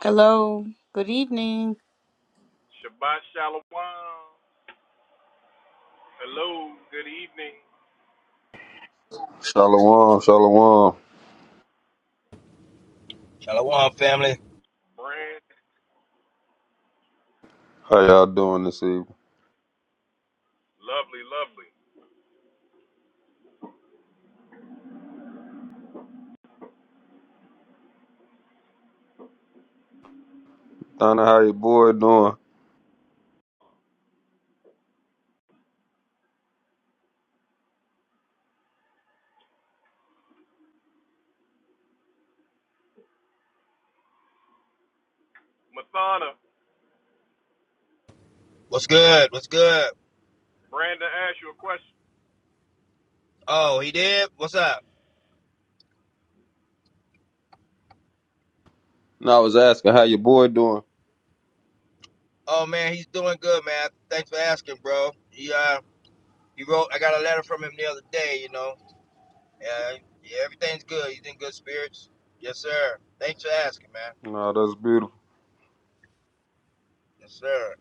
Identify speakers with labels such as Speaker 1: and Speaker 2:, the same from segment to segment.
Speaker 1: Hello, good evening.
Speaker 2: Shalom, shalom.
Speaker 3: Shalom, family.
Speaker 2: How y'all doing this evening? Donna, how your boy doing?
Speaker 3: What's good? What's good? Oh, he did. What's up?
Speaker 2: No, I was asking how your boy doing.
Speaker 3: Oh man, he's doing good, man. Thanks for asking, bro. He uh, he wrote. I got a letter from him the other day. You know, yeah, yeah, everything's good. He's in good spirits. Yes, sir. Thanks for asking, man.
Speaker 2: Nah, that's beautiful.
Speaker 3: Yes, sir.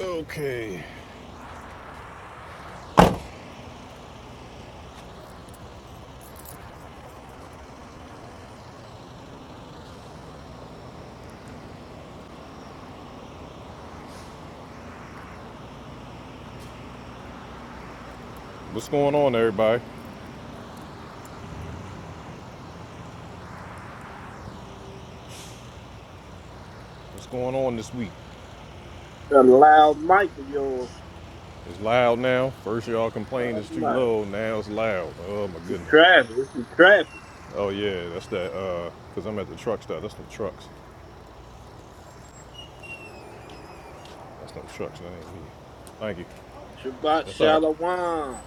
Speaker 4: Okay.
Speaker 5: A loud mic to your God Almighty. The traffic, it's the traffic.
Speaker 4: Yeah, that's that, uh, because I'm at the truck stop. That's the trucks. That's not the trucks. That ain't me. Thank you.
Speaker 5: Shabbat
Speaker 4: That's all right.
Speaker 5: Shalom.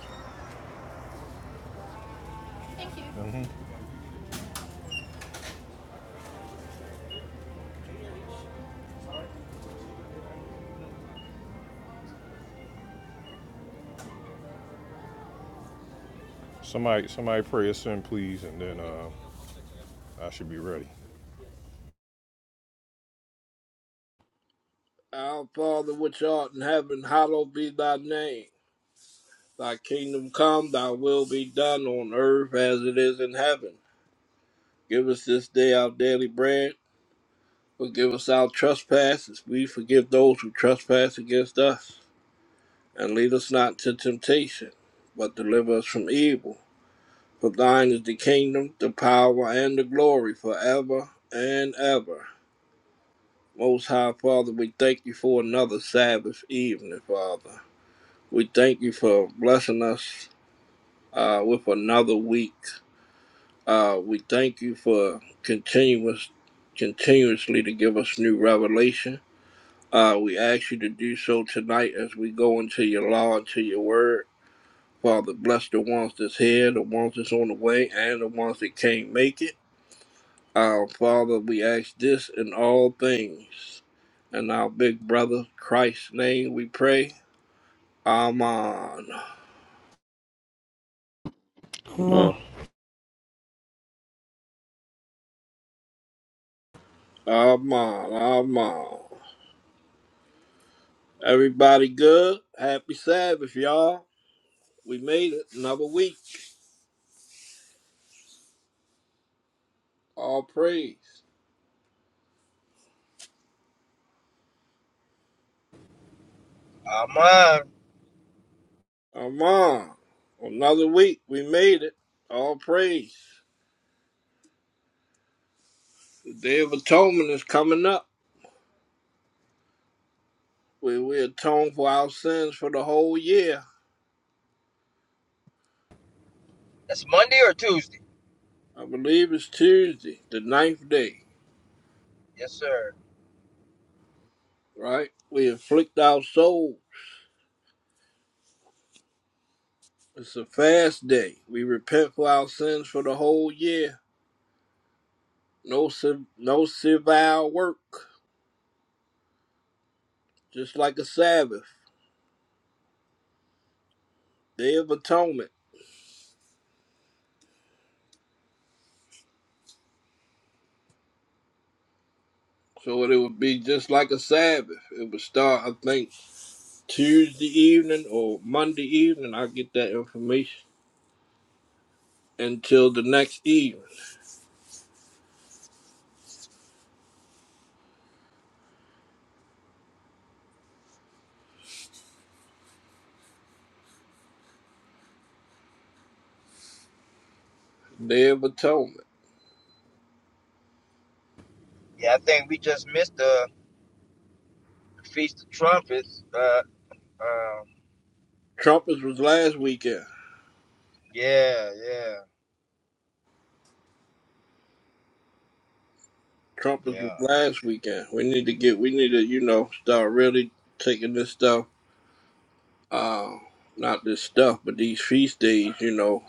Speaker 5: Our Father which art in heaven, hallowed be thy name. Thy kingdom come, thy will be done on earth as it is in heaven. Give us this day our daily bread. Forgive us our trespasses. We forgive those who trespass against us. And lead us not into temptation, but deliver us from evil. For thine is the kingdom, the power, and the glory forever and ever. Most High Father, we thank you for another Sabbath evening, Father. We thank you for blessing us uh, with another week. Uh, we thank you for continuous, continuously to give us new revelation. Uh, we ask you to do so tonight as we go into your law and to your word. Father, bless the ones that's here, the ones that's on the way, and the ones that can't make it. Our Father, we ask this in all things. In our big brother Christ's name we pray. Amen.
Speaker 6: Mo.
Speaker 2: Mm.
Speaker 5: Amen. Amen. Everybody good? Happy Sabbath, y'all. We made it another week. All praise.
Speaker 3: Um, uh,
Speaker 5: Amen. Another week. We made it. All praise. The Day of Atonement is coming up. We, we atone for our sins for the whole year.
Speaker 3: that's Monday or Tuesday.
Speaker 5: I believe it's Tuesday, the ninth day.
Speaker 3: Yes, sir.
Speaker 5: right? We afflict our soul. It's a fast day. We repent for our sins for the whole year. No, no civil work, just like a Sabbath, Day of Atonement. So it would be just like a Sabbath. It would start, I think, Tuesday evening or Monday evening. I'll get that information until the next evening, Day of Atonement.
Speaker 3: Yeah, I think we just missed the feast of trumpets. Uh, um,
Speaker 5: Trumpets was last weekend.
Speaker 3: yeah, yeah,
Speaker 5: Trumpets was
Speaker 3: yeah,
Speaker 5: last weekend. We need to get, we need to, you know, start really taking this stuff uh, not this stuff, but these feast days, you know,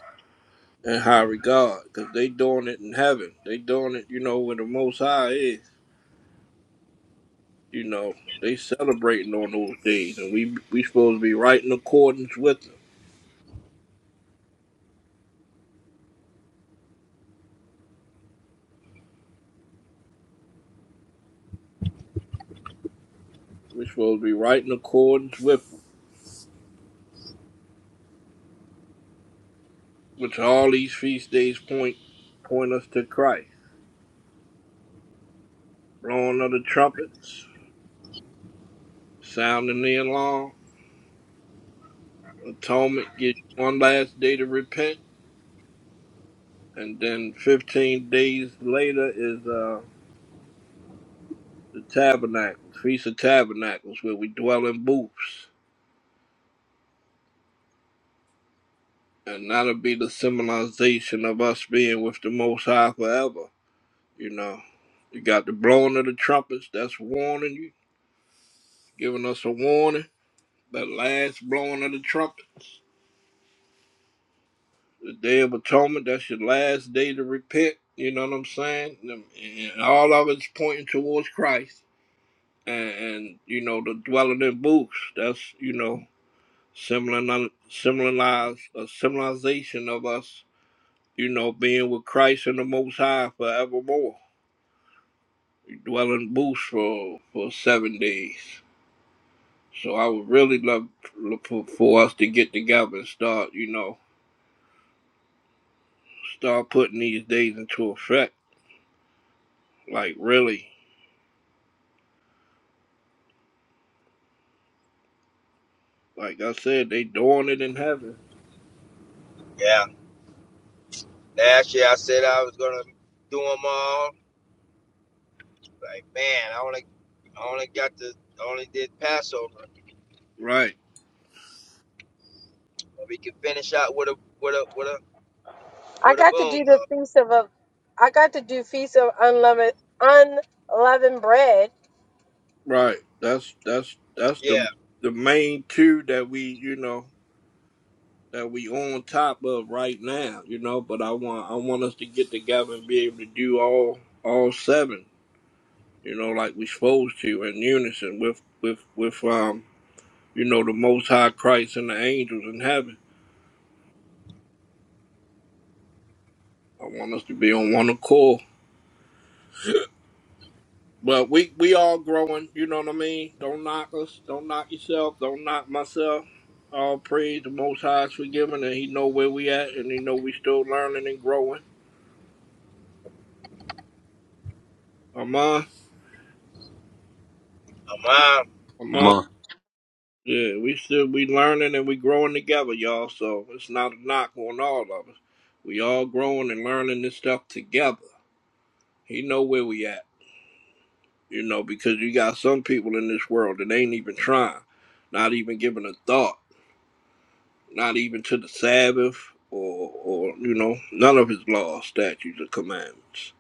Speaker 5: in high regard, because they doing it in heaven. They doing it, you know, where the Most High is. You know, they celebrating on those days, and we we supposed to be right in accordance with them. we supposed to be right in accordance with them, which all these feast days point point us to Christ. Blowing of the trumpets, sounding the alarm, atonement, give you one last day to repent, and then 15 days later is. uh. the tabernacles, feast of tabernacles, where we dwell in booths, and that'll be the symbolization of us being with the Most High forever. You know, you got the blowing of the trumpets. That's warning you, giving us a warning. That last blowing of the trumpets, the Day of Atonement. That's your last day to repent. You know what I'm saying? And and all of it's pointing towards Christ. And, and you know the dwelling in booths. That's you know similar similarize a similarization of us, you know, being with Christ and the Most High forevermore. We dwell in booths for for seven days. So I would really love look for, for us to get together and start, you know, start putting these days into effect. Like really, like I said, they doing it in heaven.
Speaker 3: yeah. Last year I said I was gonna do them all. Like, man, I only I only got the only did Passover.
Speaker 5: Right,
Speaker 3: we can finish out with a with a with a
Speaker 7: I
Speaker 3: with a
Speaker 7: got to
Speaker 3: boom
Speaker 7: do the
Speaker 3: though.
Speaker 7: feast of a, I got to do feast of unleavened unleavened bread,
Speaker 5: right. That's that's that's the
Speaker 3: Yeah.
Speaker 5: the main two that we, you know, that we on top of right now, you know, but I want I want us to get together and be able to do all all seven, you know, like we supposed to in unison with with with um you know the most high Christ and the angels in heaven. I want us to be on one accord. But we we all growing, you know what I mean? Don't knock us, don't knock yourself, don't knock myself. All praise the most high is forgiven and he know where we at and he know we still learning and growing. Amen.
Speaker 3: I'm on.
Speaker 2: Come
Speaker 5: Amen.
Speaker 2: on.
Speaker 5: Yeah, we still we learning and we growing together, y'all. So it's not a knock on all of us. We all growing and learning this stuff together. He know where we at, you know, because you got some people in this world that ain't even trying, not even giving a thought, not even to the Sabbath or or you know none of his laws, statutes, or commandments.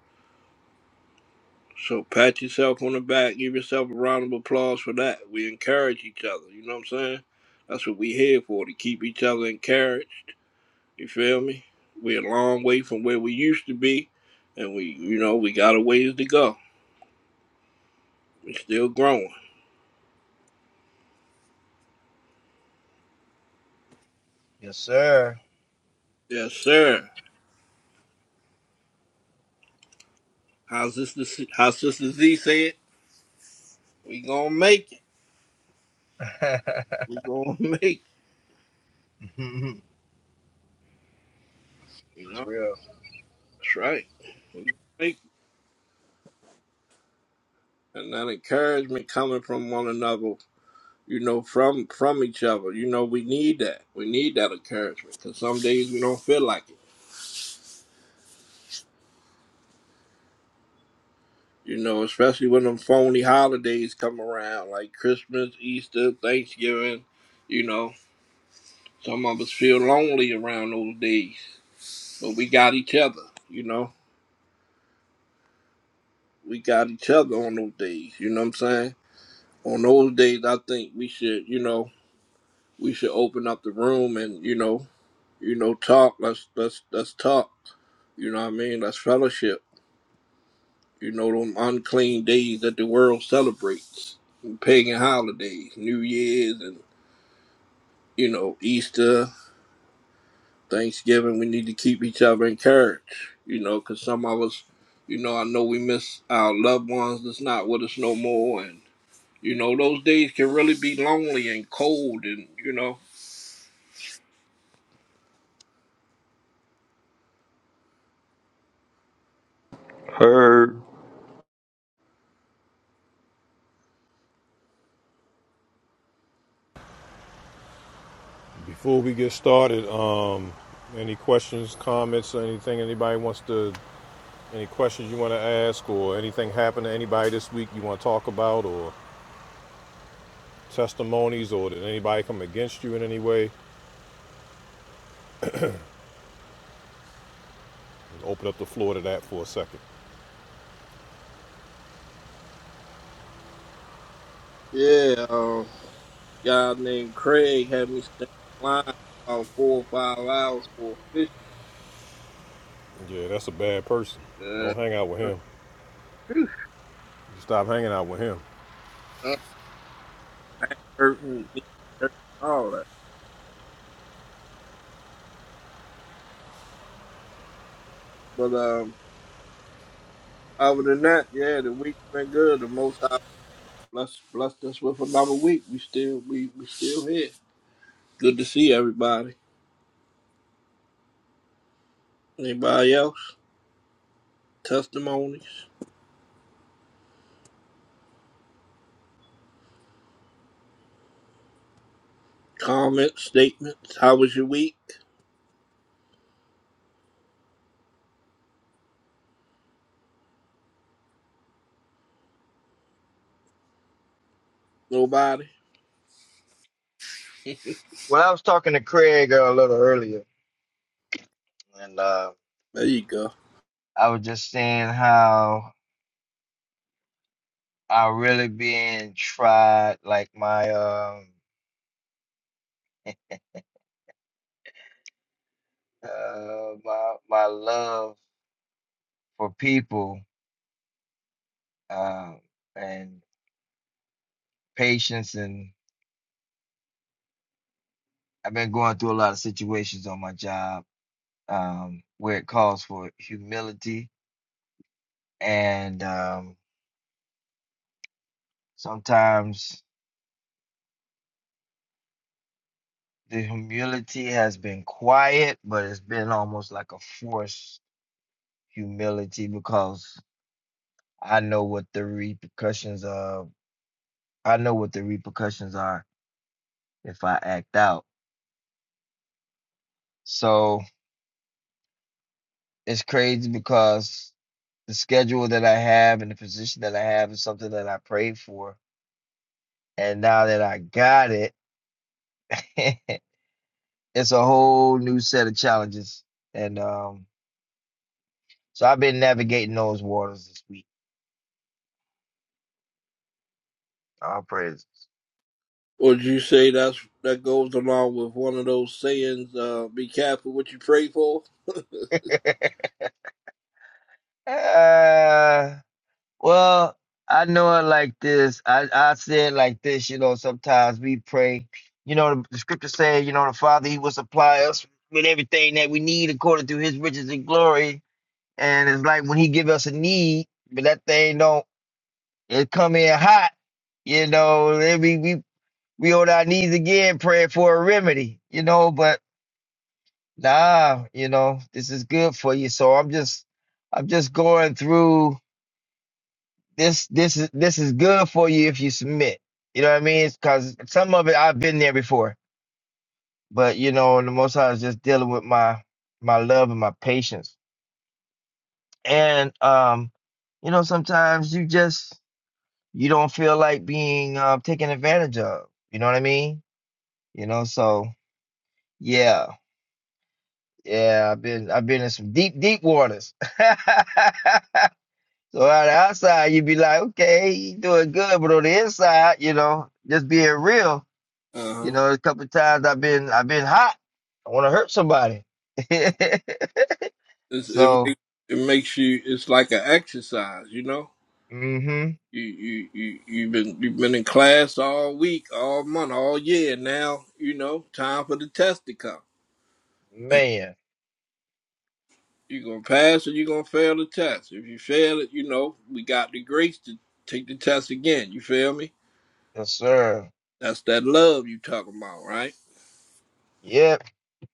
Speaker 5: So pat yourself on the back, give yourself a round of applause for that. We encourage each other. You know what I'm saying? That's what we here for to keep each other encouraged You feel me? We're a long way from where we used to be, and we, you know, we got a ways to go. We're still growing.
Speaker 3: Yes, sir.
Speaker 5: Yes, sir. How's this? How Sister Z said, we gonna make it.
Speaker 3: That's
Speaker 5: We gonna make. It. You know,
Speaker 3: real.
Speaker 5: that's right. We gonna make. It. And that encouragement coming from one another. You know, from from each other. You know, we need that. We need that encouragement because some days we don't feel like it. You know, especially when them phony holidays come around, like Christmas, Easter, Thanksgiving. You know, some of us feel lonely around those days, but we got each other. You know, we got each other on those days. You know what I'm saying? On those days, I think we should, you know, we should open up the room and you know, you know, talk. Let's let's let's talk. You know what I mean? Let's fellowship. You know, them unclean days that the world celebrates, pagan holidays, New Year's, and you know, Easter, Thanksgiving, we need to keep each other encouraged, you know, because some of us, you know, I know we miss our loved ones that's not with us no more. And, you know, those days can really be lonely and cold. And, you know,
Speaker 2: Heard.
Speaker 4: Before we get started, um, any questions, comments, or anything anybody wants to, any questions you want to ask, or anything happened to anybody this week you want to talk about, or testimonies, or did anybody come against you in any way? Open up the floor to that for a second.
Speaker 5: yeah, um, guy named Craig had me stand in line about four or five hours for a fish.
Speaker 4: Yeah, that's a bad person. Don't hang out with
Speaker 5: Uh, uh,
Speaker 4: him.
Speaker 5: phew,
Speaker 4: Stop hanging out with him.
Speaker 5: uh, back hurting, knee hurting, all that. But, um, other than that, yeah, the week's been good. The most Bless blessed us with another week. We still we, we still here. Good to see everybody. Anybody else? Testimonies, comments, statements. How was your week? Nobody.
Speaker 3: Well, I was talking to Craig uh, a little earlier, and uh,
Speaker 5: There you go.
Speaker 3: I was just saying how I really being tried, like my um uh, my my love for people uh, and patience, and I've been going through a lot of situations on my job um, where it calls for humility. And um, sometimes the humility has been quiet, but it's been almost like a forced humility because I know what the repercussions of I know what the repercussions are if I act out. So it's crazy because the schedule that I have and the position that I have is something that I prayed for. And now that I got it, it's a whole new set of challenges. And um, so I've been navigating those waters this week. All praises.
Speaker 5: Would you say that's that goes along with one of those sayings? Uh, be careful what you pray for.
Speaker 3: uh, well, I know it like this. I, I say it like this, you know, sometimes we pray. You know, the, the scripture says, you know, the Father, He will supply us with everything that we need according to His riches and glory. And it's like when He give us a need, but that thing don't, it come in hot. You know, we, we we on our knees again praying for a remedy, you know, but nah, you know, this is good for you. So I'm just I'm just going through this this is this is good for you if you submit. You know what I mean? Cause some of it I've been there before. But you know, and the most I was just dealing with my my love and my patience. And um, you know, sometimes you just you don't feel like being uh, taken advantage of. You know what I mean? You know, so yeah. Yeah, I've been I've been in some deep, deep waters. So on the outside, you'd be like, okay, you doing good, but on the inside, you know, just being real,
Speaker 5: Uh
Speaker 3: you
Speaker 5: huh.
Speaker 3: know, a couple of times I've been I've been hot. I want to hurt somebody.
Speaker 5: It's, It
Speaker 3: So,
Speaker 5: makes it makes you. It's like an exercise, you know.
Speaker 3: mm-hmm,
Speaker 5: You you you you've been you've been in class all week, all month, all year. Now you know time for the test to come.
Speaker 3: man,
Speaker 5: You're gonna pass or you're gonna fail the test. If you fail it, you know, we got the grace to take the test again. You feel me?
Speaker 3: yes, sir.
Speaker 5: That's that love you talking about, right?
Speaker 3: Yep.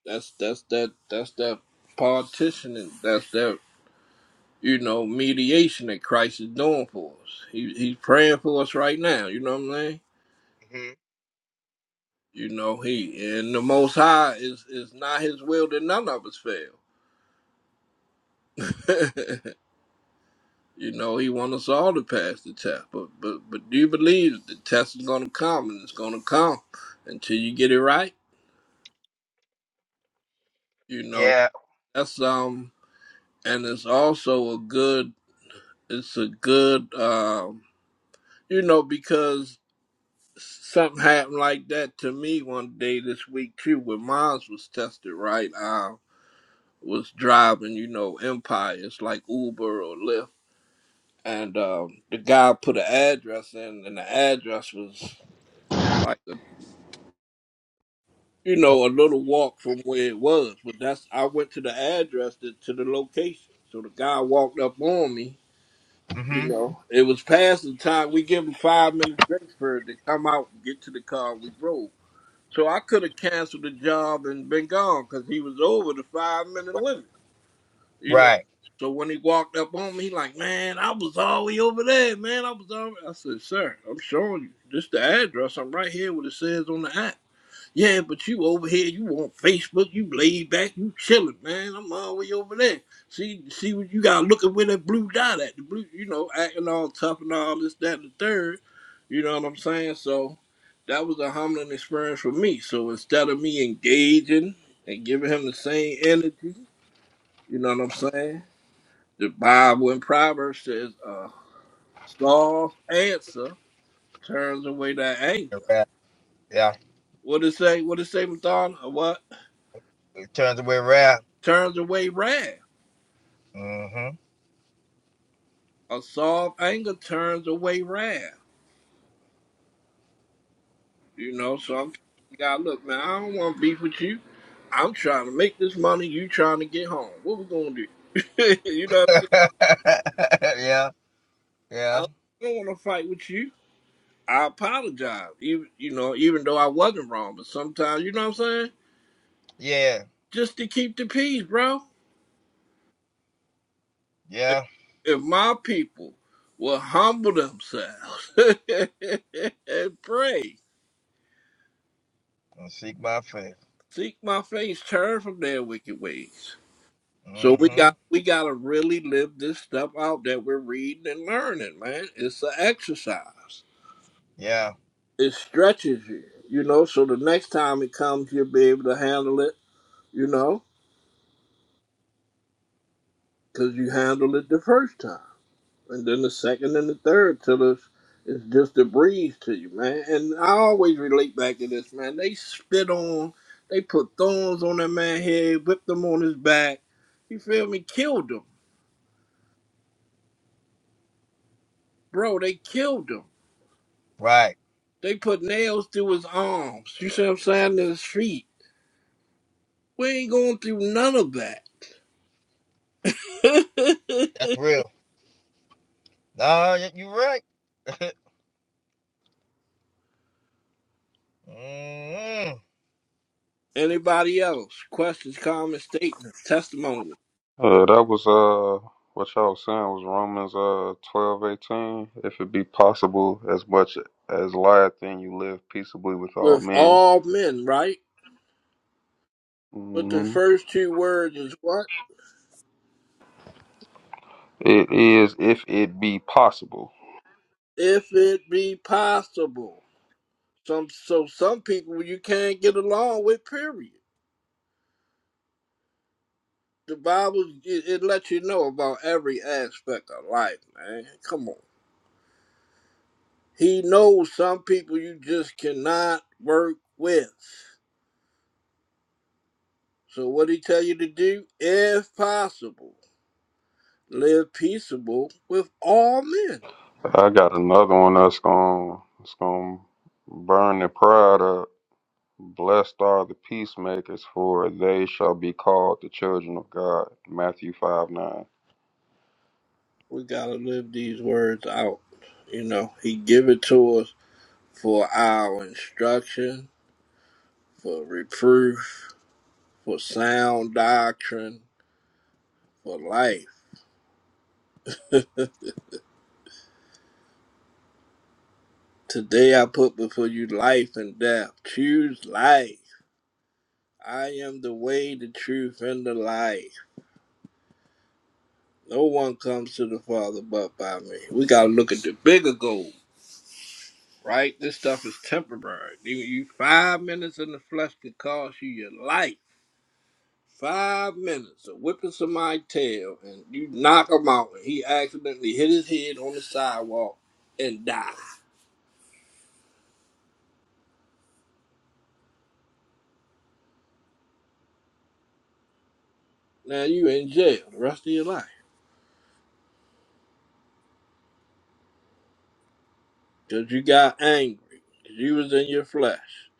Speaker 5: That's that's that that's that partitioning, that's that you know, mediation that Christ is doing for us. He he's praying for us right now, you know what I'm saying?
Speaker 3: Mm-hmm.
Speaker 5: You know, he and the most high is is not his will that none of us fail. You know, he wants us all to pass the test. But but but do you believe the test is gonna come and it's gonna come until you get it right? You know,
Speaker 3: Yeah.
Speaker 5: that's um and it's also a good it's a good um you know, because something happened like that to me one day this week too when mine was tested right. I was driving, you know, Empire. It's like Uber or Lyft. And um, the guy put an address in, and the address was like you know, a little walk from where it was. But that's I went to the address to, to the location. So the guy walked up on me. You
Speaker 3: Mm-hmm.
Speaker 5: know, it was past the time we give him five minutes grace period to come out and get to the car. We rolled. So I could have canceled the job and been gone because he was over the five minute limit. You know.
Speaker 3: Right.
Speaker 5: So when he walked up on me, he like, man, I was all the way over there, man. I was all. I said, sir, I'm showing you. This the address. I'm right here. What it says on the app. Yeah, but you over here, you on Facebook, you laid back, you chilling, man. I'm all the way over there. See, see what you got looking with that blue dot at. The blue, you know, acting all tough and all this, that, and the third. You know what I'm saying? So that was a humbling experience for me. So instead of me engaging and giving him the same energy, you know what I'm saying? The Bible in Proverbs says, uh, soft answer turns away that anger.
Speaker 3: A Yeah.
Speaker 5: What it say? What it say, Madonna? A What?
Speaker 3: It turns away rap.
Speaker 5: turns away wrath.
Speaker 3: Mm-hmm.
Speaker 5: A soft anger turns away wrath. You know, so I'm telling God, look, man, I don't want to beef with you. I'm trying to make this money. You trying to get home. What we gonna do? you know what I'm saying?
Speaker 3: Yeah. Yeah.
Speaker 5: I don't want to fight with you. I apologize, even you know, even though I wasn't wrong. But sometimes, you know what I'm saying?
Speaker 3: Yeah.
Speaker 5: Just to keep the peace, bro. If,
Speaker 3: Yeah.
Speaker 5: if my people will humble themselves and pray,
Speaker 3: and seek my faith.
Speaker 5: Seek my face, turn from their wicked ways. So we
Speaker 3: Mm-hmm.
Speaker 5: got we gotta really live this stuff out that we're reading and learning, man. It's an exercise.
Speaker 3: Yeah.
Speaker 5: It stretches you, you know. So the next time it comes, you'll be able to handle it, you know, because you handled it the first time, and then the second and the third till it's it's just a breeze to you, man. And I always relate back to this, man. They spit on, they put thorns on that man's head, whipped him on his back. You feel me? Killed him Bro, they killed him.
Speaker 3: Right.
Speaker 5: They put nails through his arms. You see what I'm saying? To his feet. We ain't going through none of that.
Speaker 3: That's real. No, y- you right. mm
Speaker 5: Anybody else? Questions, comments, statements, testimony.
Speaker 2: Uh, that was uh what y'all was saying was Romans uh twelve eighteen. If it be possible, as much as lieth, then you live peaceably with all
Speaker 5: With
Speaker 2: men.
Speaker 5: all men, right? But the
Speaker 2: hmm
Speaker 5: first two words is what?
Speaker 2: It is if it be possible.
Speaker 5: If it be possible. Some so some people you can't get along with. Period. The Bible it, it lets you know about every aspect of life, man. Come on. He knows some people you just cannot work with. So what he tell you to do? If possible, live peaceable with all men.
Speaker 2: I got another one that's gonna it's gonna burn the pride up. Blessed are the peacemakers, for they shall be called the children of God. Matthew 5 9.
Speaker 5: We gotta live these words out. You know, he give it to us for our instruction, for reproof, for sound doctrine, for life. Today I put before you life and death. Choose life. I am the way, the truth, and the life. No one comes to the Father but by me. We gotta look at the bigger goal, right? This stuff is temporary. You, you five minutes in the flesh could cost you your life. Five minutes of whipping somebody's tail, and you knock him out, and he accidentally hit his head on the sidewalk and die. Now you in jail the rest of your life because you got angry, because you was in your flesh,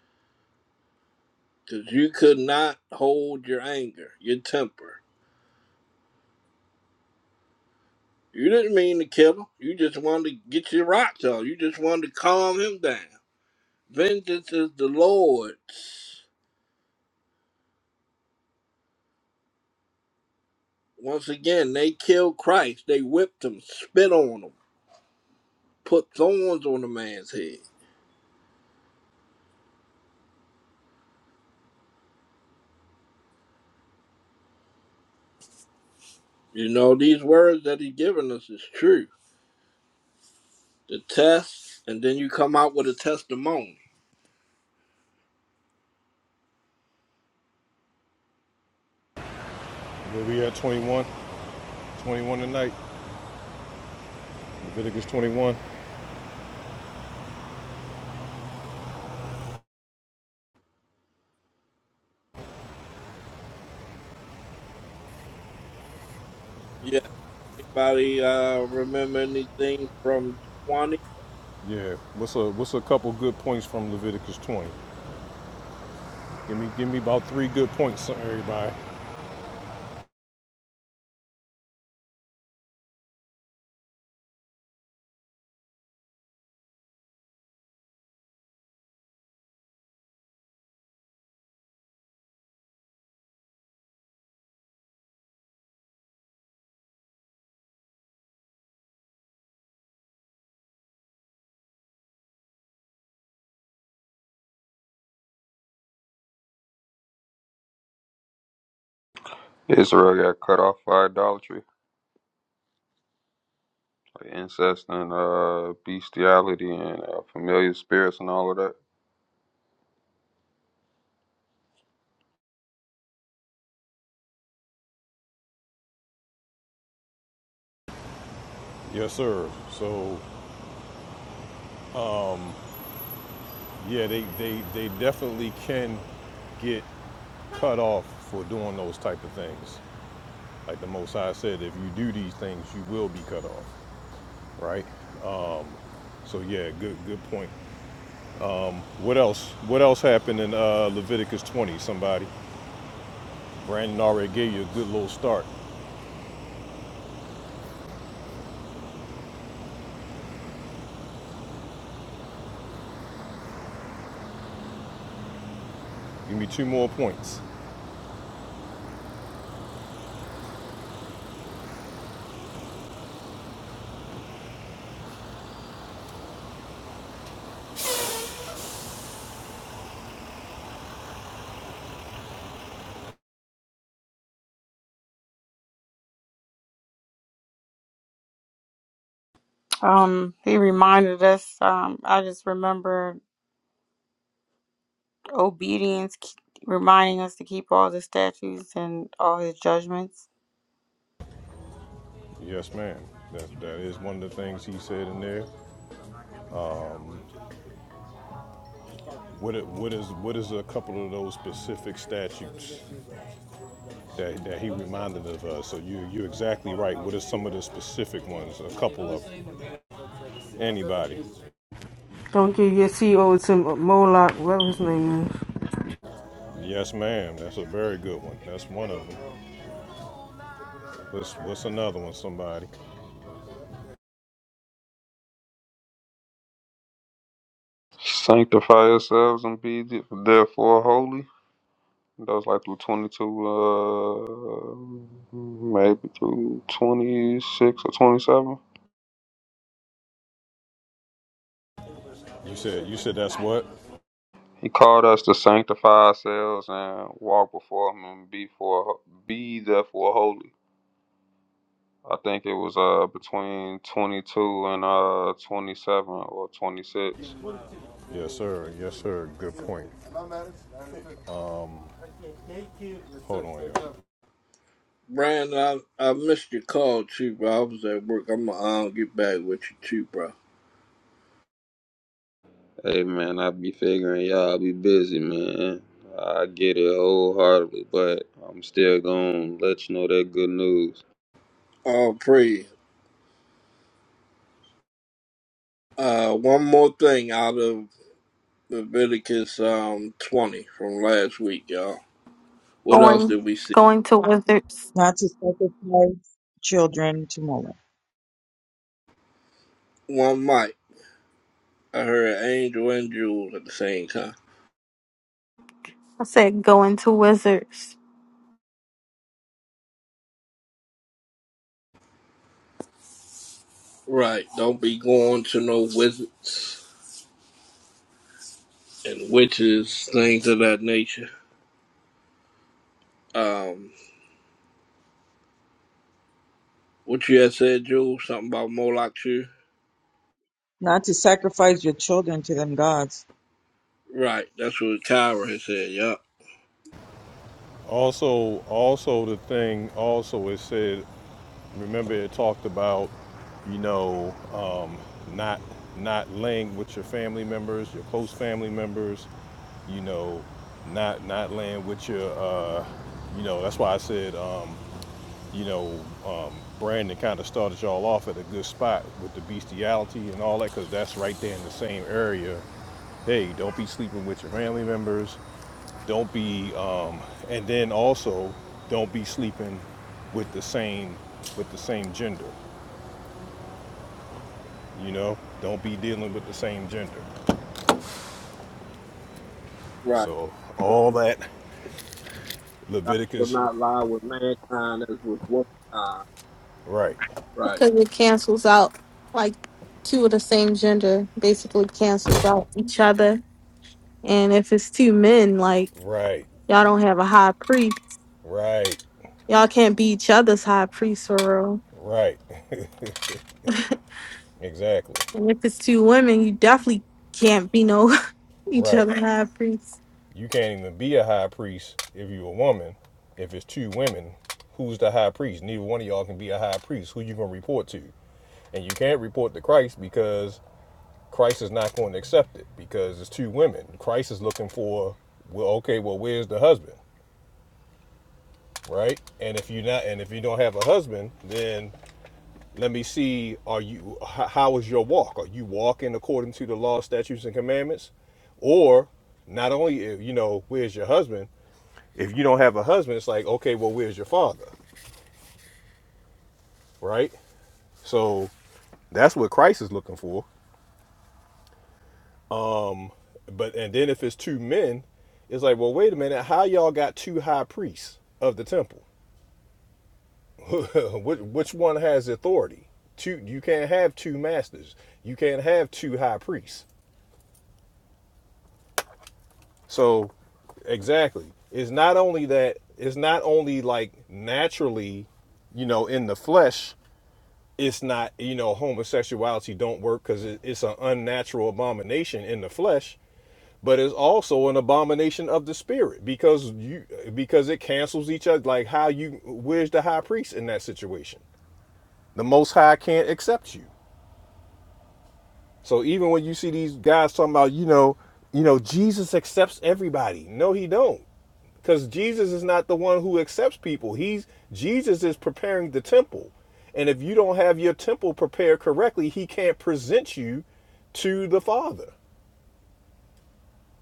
Speaker 5: because you could not hold your anger, your temper. You didn't mean to kill him. You just wanted to get your rocks off. You just wanted to calm him down. Vengeance is the Lord's. Once again, they killed Christ. They whipped him, spit on him, put thorns on the man's head. You know, these words that he's given us is true. The test, and then you come out with a testimony.
Speaker 4: Where we at 21? 21 tonight. Leviticus 21.
Speaker 5: Yeah. Anybody uh, remember anything from 20?
Speaker 4: Yeah. What's a what's a couple good points from Leviticus 20? Give me give me about three good points, everybody.
Speaker 2: Israel got cut off by idolatry, like incest and uh, bestiality and uh, familiar spirits and all of that.
Speaker 4: Yes, sir. So yeah, they they they definitely can get cut off for doing those type of things. Like the Most High said, if you do these things, you will be cut off, right? So yeah, good good point. What else? What else happened in uh, Leviticus 20? Somebody, Brandon already gave you a good little start. Give me two more points.
Speaker 1: Um, he reminded us. Um, I just remember obedience, k- reminding us to keep all the statutes and all his judgments.
Speaker 4: Yes, ma'am. That, that is one of the things he said in there. What, it- what is what is a couple of those specific statutes that, that he reminded of us? So you you're exactly right. What are some of the specific ones? A couple of 'em. anybody?
Speaker 6: Don't you get CO to Moloch, whatever his name is.
Speaker 4: Yes, ma'am. That's a very good one. That's one of them. What's what's another one? Somebody?
Speaker 2: Sanctify yourselves and be th- therefore holy. That was like through 22, uh, maybe through 26 or 27.
Speaker 4: You said you said that's what?
Speaker 2: He called us to sanctify ourselves and walk before Him and be, for, be therefore holy. I think it was uh between 22 and uh 27 or 26.
Speaker 4: Yes, sir. Yes, sir. Good point. Hold on. y'all.
Speaker 5: Brandon, I, I missed your call, too, bro. I was at work. I'm going to get back with you, too, bro.
Speaker 2: Hey man, I be figuring y'all be busy, man. I get it wholeheartedly, but I'm still gonna let you know that good news.
Speaker 5: Oh, praise. Uh, one more thing out of Leviticus um, 20 from last week, y'all. What else
Speaker 8: Going
Speaker 5: did we see?
Speaker 8: going to Wizards.
Speaker 9: Not to sacrifice children to Moloch.
Speaker 5: One mic. I heard angel and jewels at the same time.
Speaker 8: I said going to Wizards.
Speaker 5: Right. Don't be going to no wizards and witches, things of that nature. Um, what you had said, Jules? Something about Moloch too?
Speaker 9: Not to sacrifice your children to them gods.
Speaker 5: Right. That's what Kyra had said, yup.
Speaker 4: Also, also the thing. Also, it said Remember, it talked about, you know, um, not not laying with your family members, your close family members, you know, not not laying with your, uh, you know. That's why I said, um, you know, um, Brandon kind of started y'all off at a good spot with the bestiality and all that, because that's right there in the same area hey, don't be sleeping with your family members. Don't be, um, and then also, don't be sleeping with the same with the same gender. You know, don't be dealing with the same gender.
Speaker 5: Right.
Speaker 4: So all that
Speaker 5: I will
Speaker 4: Leviticus,
Speaker 5: not lie with mankind as with womankind.
Speaker 4: right,
Speaker 5: Right.
Speaker 8: Because it cancels out like two of the same gender basically cancels out each other. And if it's two men, like
Speaker 4: right,
Speaker 8: y'all don't have a high priest.
Speaker 4: right,
Speaker 8: Y'all can't be each other's high priest for real.
Speaker 4: right, exactly,
Speaker 8: And if it's two women, you definitely can't be no each
Speaker 4: right.
Speaker 8: other high priest.
Speaker 4: You can't even be a high priest if you're a woman. If it's two women, who's the high priest? Neither one of y'all can be a high priest. Who you gonna report to? And you can't report to Christ because Christ is not going to accept it because it's two women. Christ is looking for, well, okay, well, where's the husband, right? And if you're not, and if you don't have a husband, then let me see, are you, h- how is your walk? Are you walking according to the law, statutes, and commandments? Or not only, uh, you know, where's your husband? If you don't have a husband, it's like, okay, well, where's your father, right? So that's what Christ is looking for But and then if it's two men, it's like, well, wait a minute, how y'all got two high priests of the temple? which, one has authority? Two, you can't have two masters. You can't have two high priests. So, exactly, it's not only that. It's not only like naturally, you know, in the flesh. It's not, you know, homosexuality don't work because it, it's an unnatural abomination in the flesh. but it's also an abomination of the spirit because you because it cancels each other like how you where's the high priest in that situation the most high can't accept you so even when you see these guys talking about you know you know jesus accepts everybody no he don't because jesus is not the one who accepts people he's jesus is preparing the temple and if you don't have your temple prepared correctly he can't present you to the father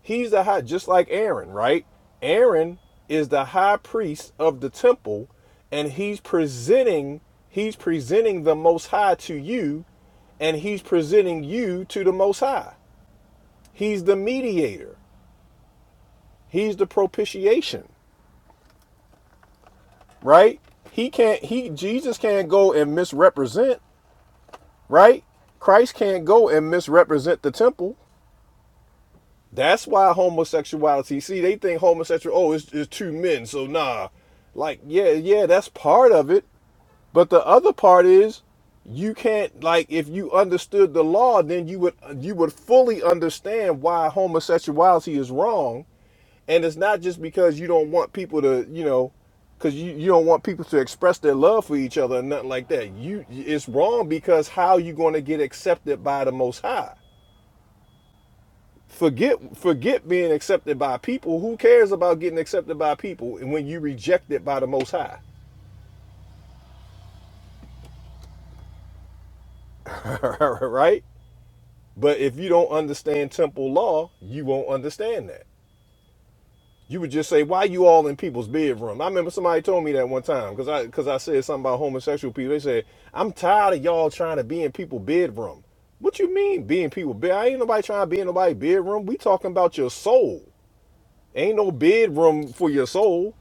Speaker 4: He's the high, just like Aaron, right? Aaron is the high priest of the temple, and he's presenting, he's presenting the Most High to you, and he's presenting you to the Most High. He's the mediator. He's the propitiation, right? He can't, he, Jesus can't go and misrepresent, right? Christ can't go and misrepresent the temple. That's why homosexuality. See, they think homosexual. Oh, it's, it's two men, so nah. Like, yeah, yeah, that's part of it. But the other part is, you can't like if you understood the law, then you would you would fully understand why homosexuality is wrong. And it's not just because you don't want people to, you know, because you, you don't want people to express their love for each other and nothing like that. You, it's wrong because how you going to get accepted by the Most High? Forget forget being accepted by people. Who cares about getting accepted by people and when you reject it by the most high? right? But if you don't understand temple law, you won't understand that. You would just say, "Why you all in people's bedroom?" I remember somebody told me that one time because I because I said something about homosexual people. They said, "I'm tired of y'all trying to be in people's bedroom." What you mean being people bed? I ain't nobody trying to be in nobody's bedroom. We talking about your soul. Ain't no bedroom for your soul.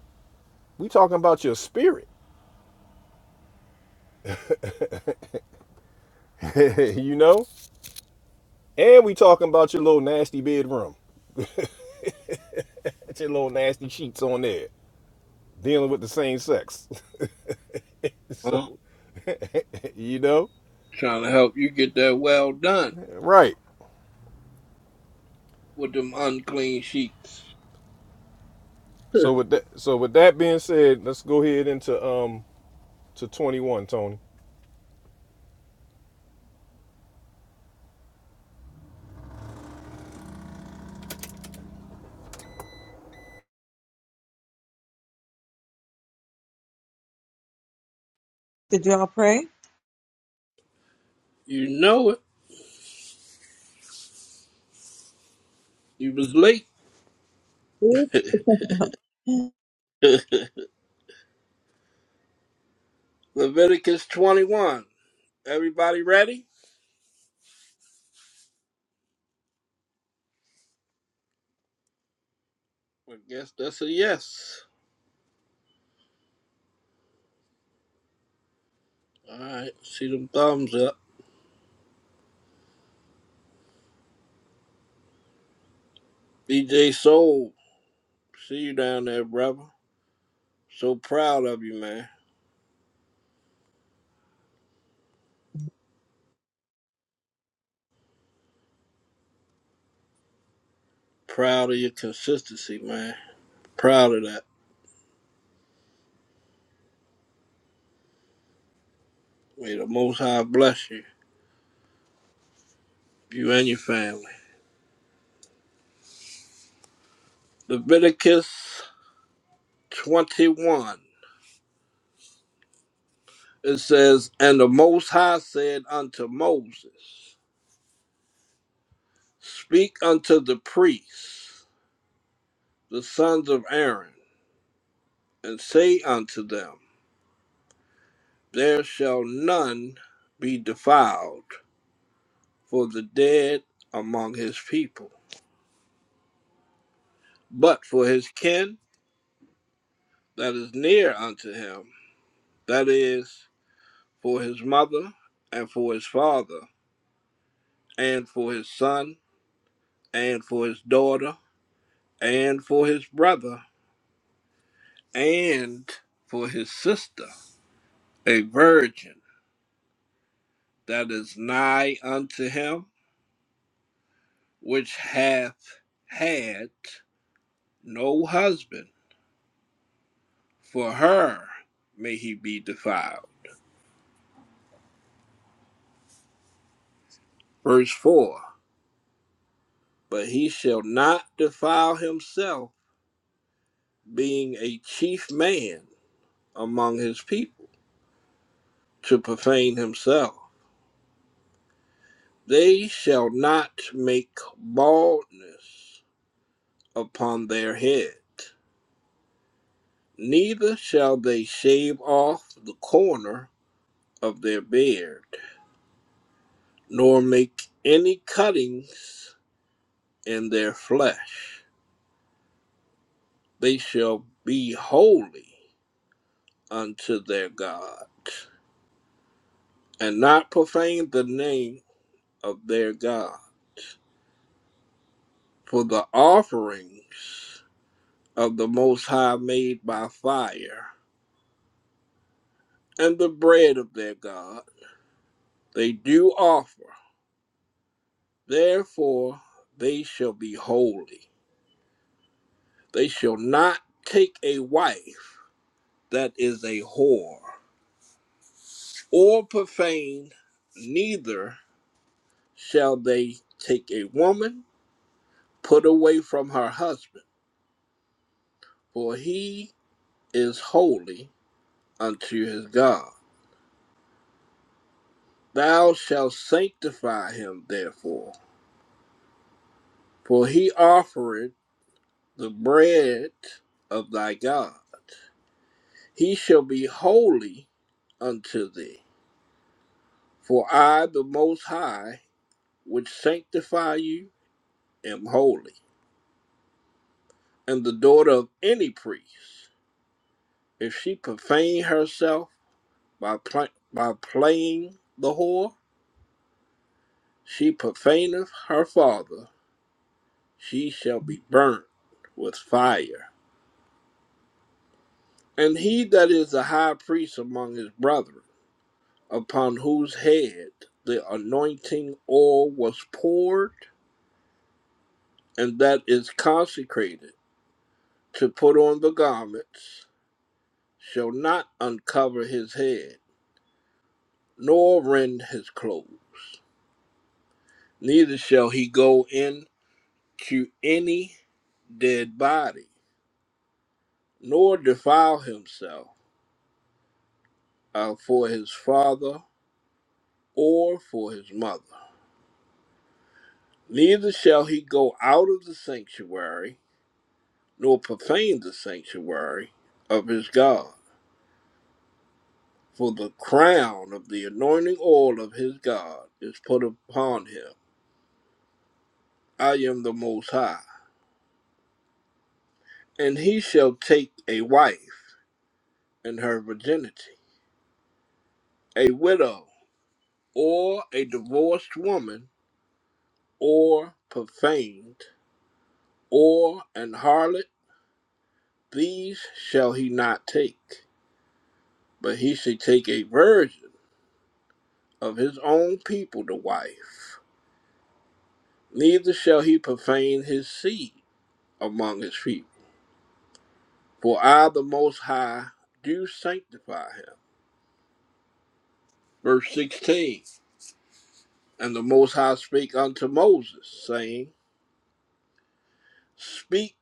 Speaker 4: We talking about your spirit. you know? And we talking about your little nasty bedroom. That's your little nasty sheets on there, dealing with the same sex. so,
Speaker 5: Huh?
Speaker 4: you know?
Speaker 5: Trying to help you get that well done
Speaker 4: Right.
Speaker 5: with them unclean sheets.
Speaker 4: So with that so with that being said, let's go ahead into um to 21, Tony.
Speaker 9: Did y'all pray?
Speaker 5: You know it. You was late. Leviticus 21. Everybody ready? I guess that's a yes. All right. See them thumbs up. BJ Soul. See you down there, brother. So proud of you, man. Proud of your consistency, man. Proud of that. May the Most High bless you, you and your family. Leviticus 21. It says, And the Most High said unto Moses, Speak unto the priests, the sons of Aaron, and say unto them, There shall none be defiled for the dead among his people, but for his kin that is near unto him, that is, for his mother, and for his father, and for his son, and for his daughter, and for his brother, and for his sister a virgin that is nigh unto him, which hath had no husband, for her may he be defiled. Verse 4 But he shall not defile himself, being a chief man among his people, to profane himself. They shall not make baldness upon their head, neither shall they shave off the corner of their beard nor make any cuttings in their flesh. They shall be holy unto their God, and not profane the name of their God. For the offerings of the Most High made by fire, and the bread of their God, they do offer. Therefore they shall be holy. They shall not take a wife that is a whore or profane, neither shall they take a woman put away from her husband, for he is holy unto his God. Thou shalt sanctify him therefore, for he offereth the bread of thy God. He shall be holy unto thee, for I, the Most High, which sanctify you, am holy. And the daughter of any priest If she profane herself by pla by playing the whore, she profaneth her father. She shall be burnt with fire. And he that is the high priest among his brethren, upon whose head the anointing oil was poured, and that is consecrated to put on the garments, shall not uncover his head, nor rend his clothes. Neither shall he go in to any dead body, nor defile himself uh, for his father or for his mother. Neither shall he go out of the sanctuary, nor profane the sanctuary of his God. For the crown of the anointing oil of his God is put upon him. I am the Most High. And he shall take a wife in her virginity, a widow, or a divorced woman, or profaned Or an harlot, these shall he not take, but he shall take a virgin of his own people to wife. Neither shall he profane his seed among his people, for I, the Most High, do sanctify him. Verse 16 And the Most High spake unto Moses, saying, Speak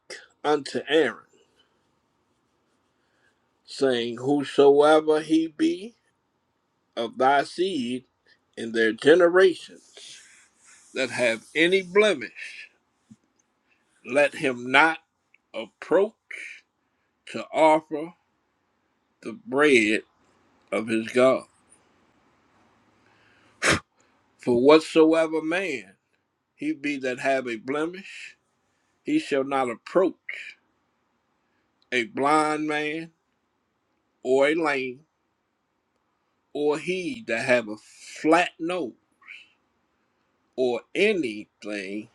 Speaker 5: unto Aaron, saying, Whosoever he be of thy seed in their generations that have any blemish, Let him not approach to offer the bread of his God. For whatsoever man he be that have a blemish, he shall not approach a blind man or a lame, or he that have a flat nose, or anything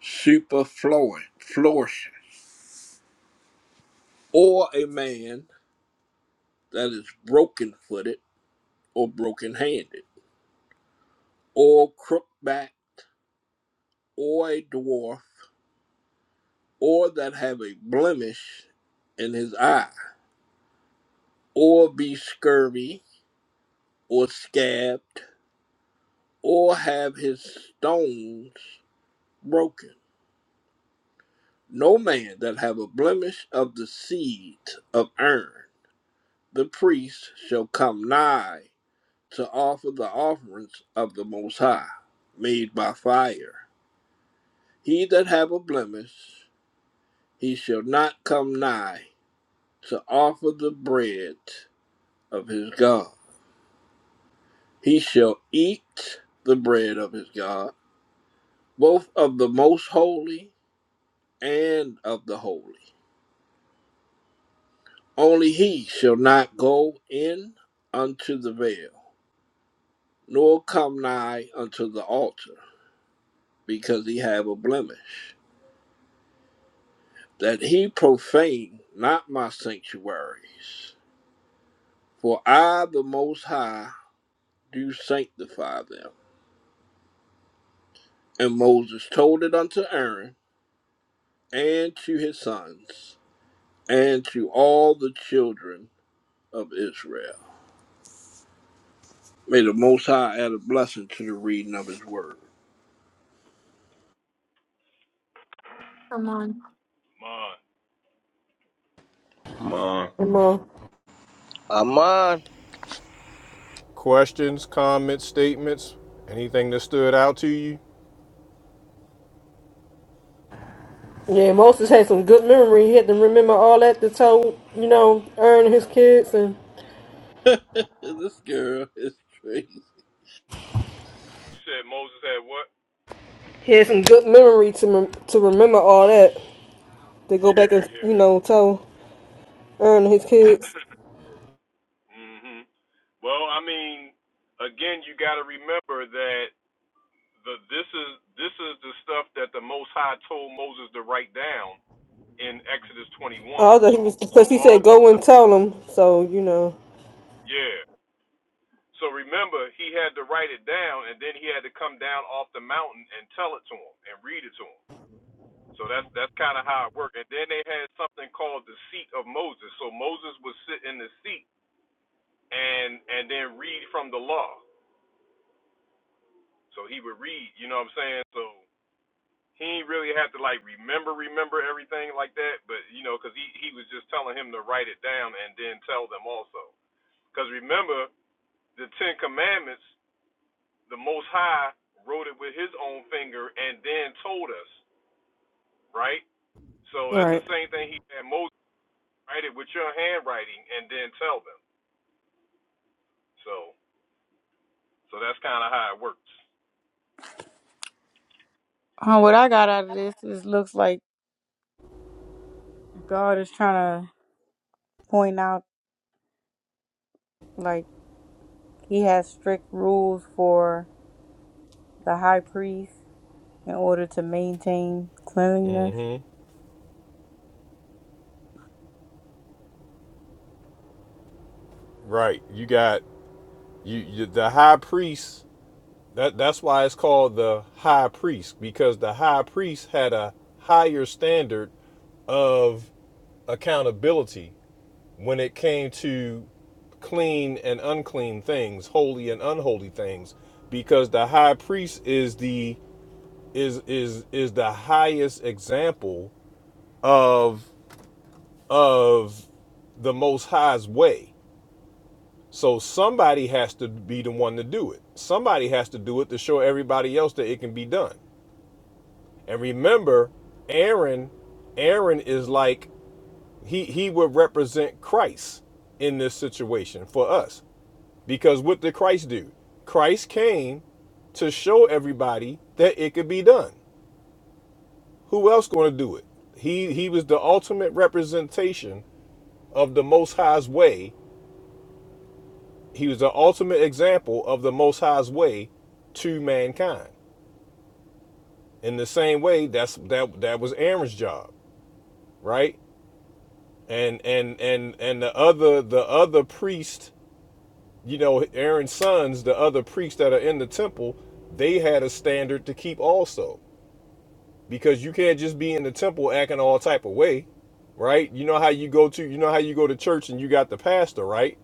Speaker 5: superfluous, flourishing, or a man that is broken footed or broken handed, or crook backed, or a dwarf, or that have a blemish in his eye, or be scurvy, or scabbed, or have his stones broken. No man that have a blemish of the seed of urn, the priest shall come nigh to offer the offerings of the Most High, made by fire. He that have a blemish, he shall not come nigh to offer the bread of his God He shall eat the bread of his God, both of the most holy and of the holy. Only he shall not go in unto the veil, nor come nigh unto the altar, because he have a blemish, that he profane not my sanctuaries. For I, the Most High, do sanctify them. And Moses told it unto Aaron and to his sons and to all the children of Israel. May the Most High add a blessing to the reading of His Word.
Speaker 8: Come on.
Speaker 2: Man,
Speaker 6: Mo.
Speaker 3: Amon.
Speaker 4: Questions, comments, statements, anything that stood out to you?
Speaker 6: Yeah, Moses had some good memory. He had to remember all that to tell, you know, Aaron and his kids, and
Speaker 5: this girl is crazy.
Speaker 6: he had some good memory to rem- to remember all that to go back and you know tell Aaron and his kids. Although he was because he said go and tell them, so you know. Right.
Speaker 1: Uh, what I got out of this is looks like God is trying to point out like he has strict rules for the high priest in order to maintain cleanliness.
Speaker 4: Mm hmm Right. You got you, you the high priest That that's why it's called the high priest because the high priest had a higher standard of accountability when it came to clean and unclean things, holy and unholy things because the high priest is the is is is the highest example of of the most high's way. So somebody has to be the one to do it. Somebody has to do it to show everybody else that it can be done. And remember, Aaron, Aaron is like he he would represent Christ in this situation for us. Because what did Christ do? Christ came to show everybody that it could be done. Who else going to do it? He he was the ultimate representation of the Most High's way. He was the ultimate example of the Most High's way to mankind. In the same way, that's that that was Aaron's job, right? and and and and the other the other priest you know aaron's sons the other priests that are in the temple they had a standard to keep also because you can't just be in the temple acting all type of way right you know how you go to you know how you go to church and you got the pastor right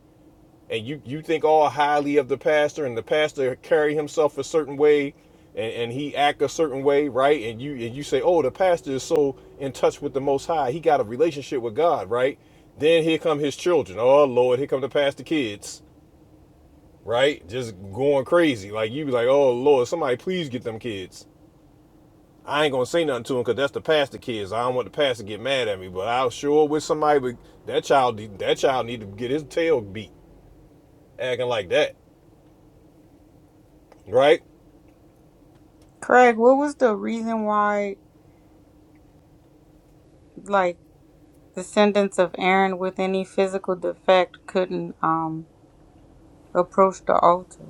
Speaker 4: and you you think all highly of the pastor and the pastor carry himself a certain way and, and he act a certain way right and you and you say oh the pastor is so in touch with the most high he got a relationship with god right then here come his children oh lord here come the pastor kids right just going crazy like you be like oh lord somebody please get them kids I ain't gonna say nothing to him because that's the pastor kids. I don't want the pastor to get mad at me, but I sure with somebody would that child that child need to get his tail beat acting like that, right?
Speaker 1: Craig, what was the reason why like descendants of Aaron with any physical defect couldn't um approached the altar.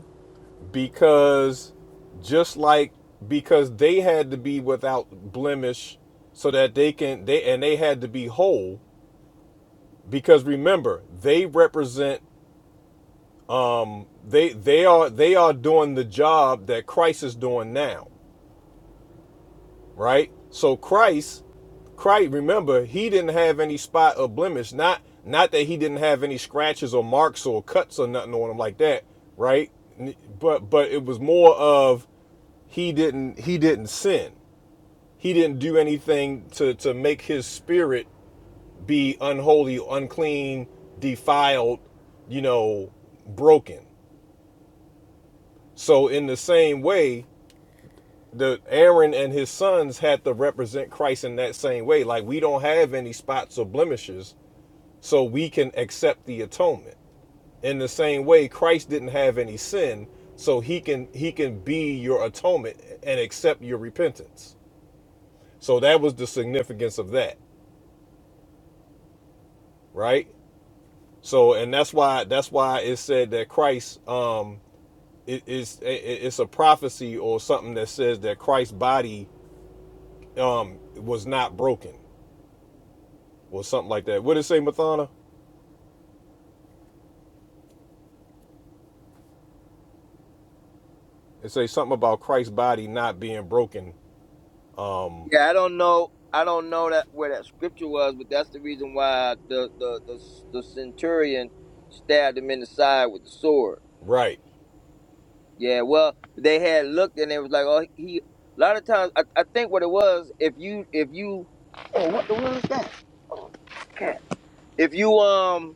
Speaker 4: because just like because they had to be without blemish so that they can they and they had to be whole because remember they represent they they are they are doing the job that Christ is doing now right so Christ Christ remember he didn't have any spot or blemish not not that he didn't have any scratches or marks or cuts or nothing on him like that right but but it was more of he didn't he didn't sin he didn't do anything to, to make his spirit be unholy, unclean, defiled, you know, broken. So in the same way, the Aaron and his sons had to represent Christ in that same way. Like we don't have any spots or blemishes, so we can accept the atonement. In the same way, Christ didn't have any sin, so he can he can be your atonement and accept your repentance. So that was the significance of that, right? So, and that's why that's why it said that Christ um it is it, it's a prophecy or something that says that Christ's body um was not broken or something like that. What did it say, Mathana? It say something about Christ's body not being broken.
Speaker 3: Yeah, I don't know. I don't know that where that scripture was, but that's the reason why the the the, the centurion stabbed him in the side with the sword.
Speaker 4: Right,
Speaker 3: Yeah, well, they had looked and it was like, oh, he. A lot of times, I, I think what it was, if you if you, oh, what the hell is that cat? If you um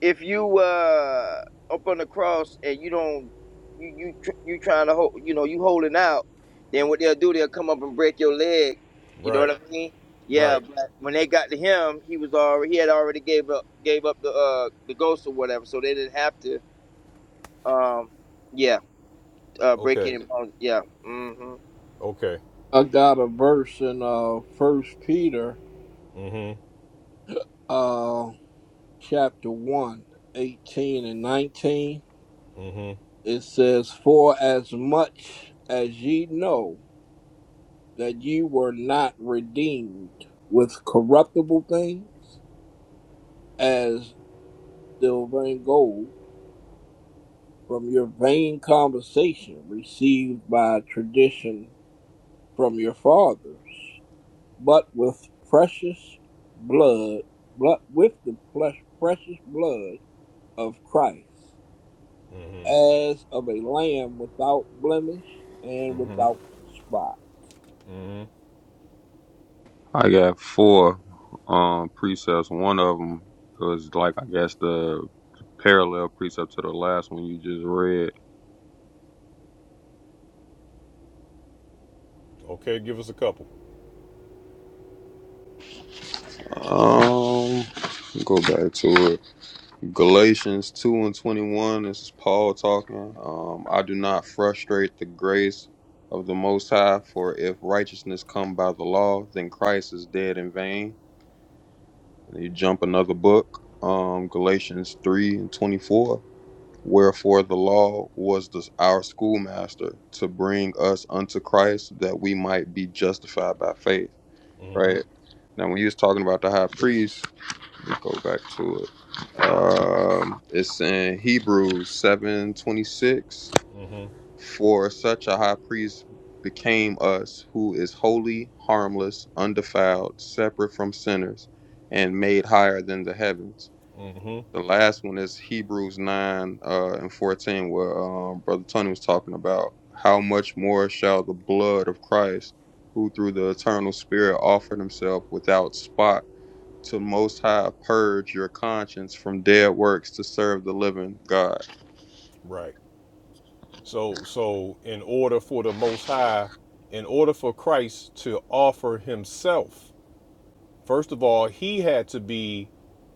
Speaker 3: if you uh up on the cross and you don't you you tr- you trying to hold you know you holding out, then what they'll do they'll come up and break your leg. You know what
Speaker 4: right,
Speaker 3: I mean? Yeah,
Speaker 4: right.
Speaker 3: but when they got to him, he was already he had already gave up gave up the uh the ghost or whatever, so they didn't have to um yeah uh break
Speaker 4: Okay,
Speaker 3: any bones. Yeah. Mm-hmm.
Speaker 4: okay.
Speaker 5: I got a verse in uh First Peter,
Speaker 4: Mm-hmm.
Speaker 5: uh, chapter one, 18 and nineteen.
Speaker 4: Mm-hmm.
Speaker 5: It says, "For as much as ye know that ye were not redeemed with corruptible things, as silver and gold, from your vain conversation received by tradition." from your fathers, but with precious blood, but with the precious blood of Christ,
Speaker 4: Mm-hmm.
Speaker 5: as of a lamb without blemish and without spot.
Speaker 4: hmm
Speaker 2: I got four um precepts. One of them was like I guess the parallel precept to the last one you just read.
Speaker 4: Okay, give us a couple.
Speaker 2: Um, go back to it. Galatians 2 and 21, this is Paul talking. Um, I do not frustrate the grace of the Most High, for if righteousness come by the law, then Christ is dead in vain. And you jump another book, um, Galatians 3 and 24. Wherefore the law was the, our schoolmaster to bring us unto Christ that we might be justified by faith. Right? Now, when he was talking about the high priest, let me go back to it. Um, it's in Hebrews seven twenty six. For such a high priest became us, who is holy, harmless, undefiled, separate from sinners, and made higher than the heavens.
Speaker 4: Mm-hmm.
Speaker 2: The last one is Hebrews nine uh, and fourteen, where um, Brother Tony was talking about how much more shall the blood of Christ, who through the eternal Spirit offered Himself without spot to Most High purge your conscience from dead works to serve the living God.
Speaker 4: Right. So so in order for the most high, in order for Christ to offer himself, first of all, he had to be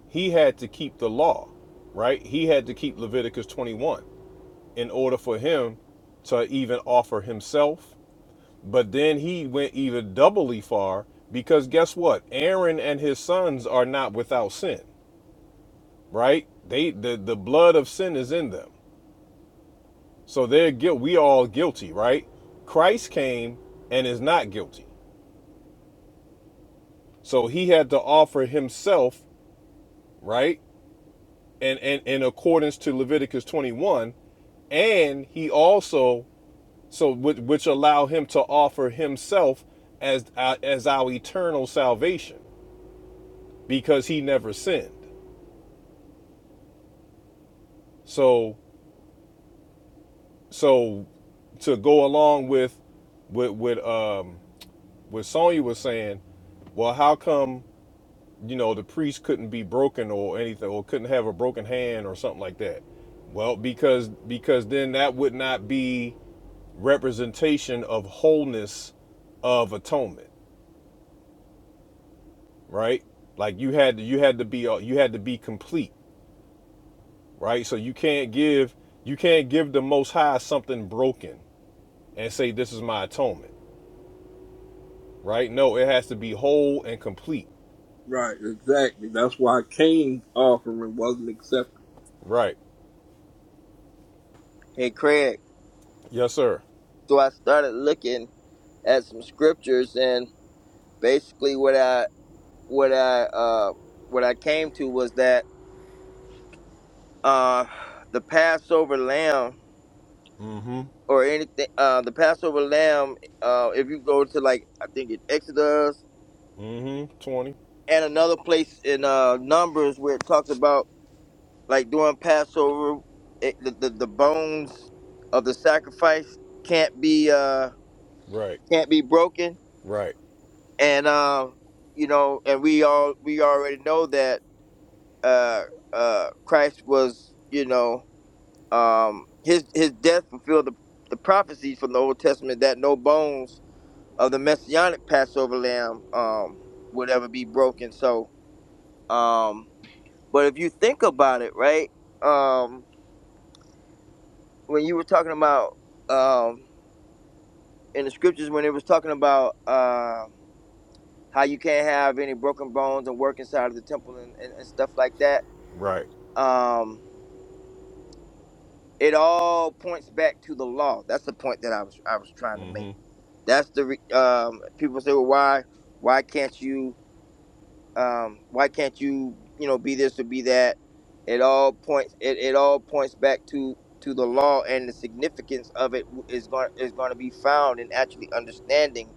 Speaker 4: he had to keep the law, right? He had to keep Leviticus 21 in order for him to even offer himself. But then he went even doubly far because guess what? Aaron and his sons are not without sin, right? They the, the blood of sin is in them. So they're guilt. We all guilty, right? Christ came and is not guilty. So he had to offer himself, right? And and in accordance to Leviticus 21, and he also so which, which allow him to offer himself as uh, as our eternal salvation because he never sinned. So so to go along with with with um what Sonya was saying, well, how come? you know, the priest couldn't be broken or anything, or couldn't have a broken hand or something like that. Well, because because then that would not be representation of wholeness of atonement, right? Like you had to, you had to be uh, you had to be complete, right? So you can't give you can't give the Most High something broken and say this is my atonement, right? No, it has to be whole and complete,
Speaker 5: Right, exactly. That's why Cain's offering wasn't accepted.
Speaker 4: right?
Speaker 3: Hey Craig,
Speaker 4: Yes, sir.
Speaker 3: so I started looking at some scriptures and basically what I what I uh what I came to was that. uh the Passover lamb
Speaker 4: Mm-hmm.
Speaker 3: or anything uh the Passover lamb uh if you go to like I think it Exodus
Speaker 4: Mm-hmm. Twenty.
Speaker 3: and another place in uh Numbers where it talks about like during Passover it, the, the the bones of the sacrifice can't be uh
Speaker 4: Right.
Speaker 3: can't be broken
Speaker 4: Right.
Speaker 3: and uh you know and we all we already know that uh uh Christ was you know um, his his death fulfilled the, the prophecies from the Old Testament that no bones of the messianic Passover lamb um, would ever be broken. So, um, but if you think about it, right, um, when you were talking about um, in the scriptures when it was talking about uh, how you can't have any broken bones and work inside of the temple and, and, and stuff like that.
Speaker 4: Right.
Speaker 3: Um, It all points back to the law. That's the point that I was I was trying to make.
Speaker 4: hmm
Speaker 3: That's the re- um, people say, well, why why can't you um, why can't you you know be this or be that? It all points it, it all points back to to the law and the significance of it is going is going to be found in actually understanding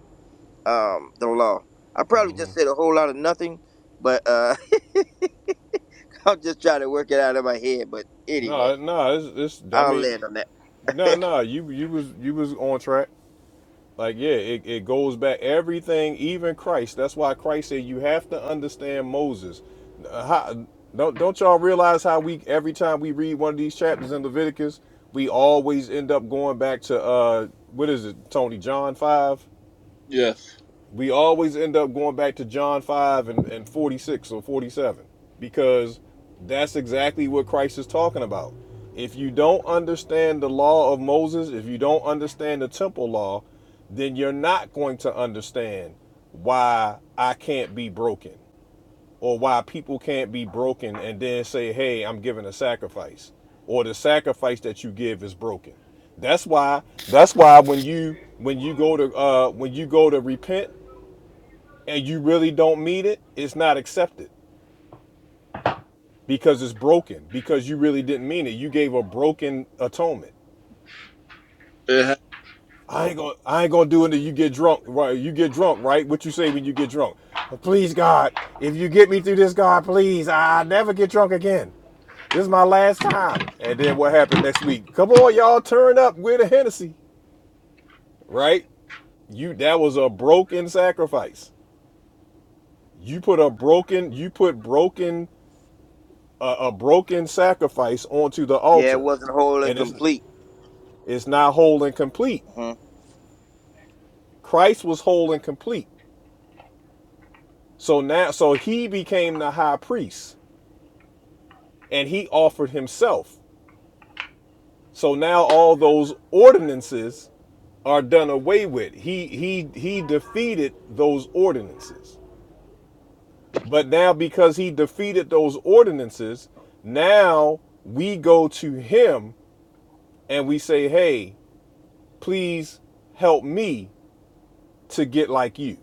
Speaker 3: um, the law. I probably just said a whole lot of nothing, but uh, I'm just trying to work it out of my head. But anyway,
Speaker 4: No, no, it's, it's I
Speaker 3: I'll
Speaker 4: mean,
Speaker 3: land on that.
Speaker 4: no, no, you you was you was on track. Like, yeah, it, it goes back everything, even Christ. That's why Christ said you have to understand Moses. Uh, How, don't don't y'all realize how we every time we read one of these chapters in Leviticus, we always end up going back to uh what is it, Tony John five?
Speaker 5: Yes.
Speaker 4: we always end up going back to John 5 and, and 46 or 47 because that's exactly what Christ is talking about. If you don't understand the law of Moses, if you don't understand the temple law, then you're not going to understand why I can't be broken or why people can't be broken and then say, hey, I'm giving a sacrifice or the sacrifice that you give is broken. That's why. That's why when you when you go to uh, when you go to repent and you really don't mean it, it's not accepted because it's broken because you really didn't mean it. You gave a broken atonement.
Speaker 5: It ha-
Speaker 4: I ain't gonna I ain't gonna do it until you get drunk. Right? You get drunk, right? What you say when you get drunk? "Uh, Please God, if you get me through this, God, please, I never get drunk again. This is my last time. And then what happened next week? Come on, y'all, turn up. We're the Hennessy, right? You that was a broken sacrifice. You put a broken, you put broken a, a broken sacrifice onto the
Speaker 3: Yeah, it
Speaker 4: altar,
Speaker 3: wasn't whole and
Speaker 4: and it's
Speaker 3: complete.
Speaker 4: it's not whole and complete.
Speaker 3: Mm-hmm.
Speaker 4: Christ was whole and complete. So now, so he became the high priest, and he offered himself. So now all those ordinances are done away with. He he he defeated those ordinances. But now because he defeated those ordinances, now we go to him and we say, "Hey, please help me to get like you.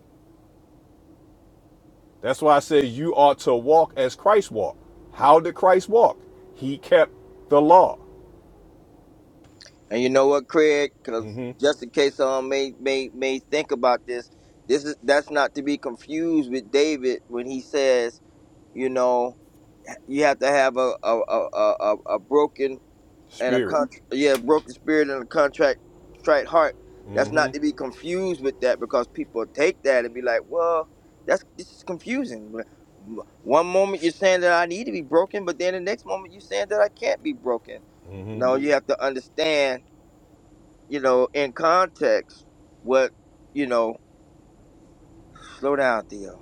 Speaker 4: That's why I say you ought to walk as Christ walked. How did Christ walk? He kept the law,
Speaker 3: And you know what, Craig? Because just in case someone may may may think about this, this is that's not to be confused with David when he says, you know, you have to have a a a, a, a a broken and a
Speaker 4: spirit.
Speaker 3: con- yeah broken spirit and a contract straight heart. That's not
Speaker 4: Mhm.
Speaker 3: to be confused with that because people take that and be like, well, that's this is confusing. One moment you're saying that I need to be broken, but then the next moment you're saying that I can't be broken. No, you have to understand you know, in context, what, you know, slow down, Theo.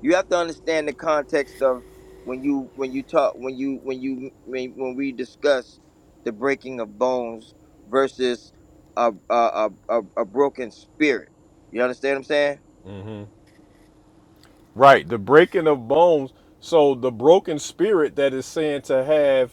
Speaker 3: You have to understand the context of when you when you talk when you when you when, when we discuss the breaking of bones versus a a, a a a broken spirit. You understand what I'm saying?
Speaker 4: Right, the breaking of bones. So the broken spirit that is saying to have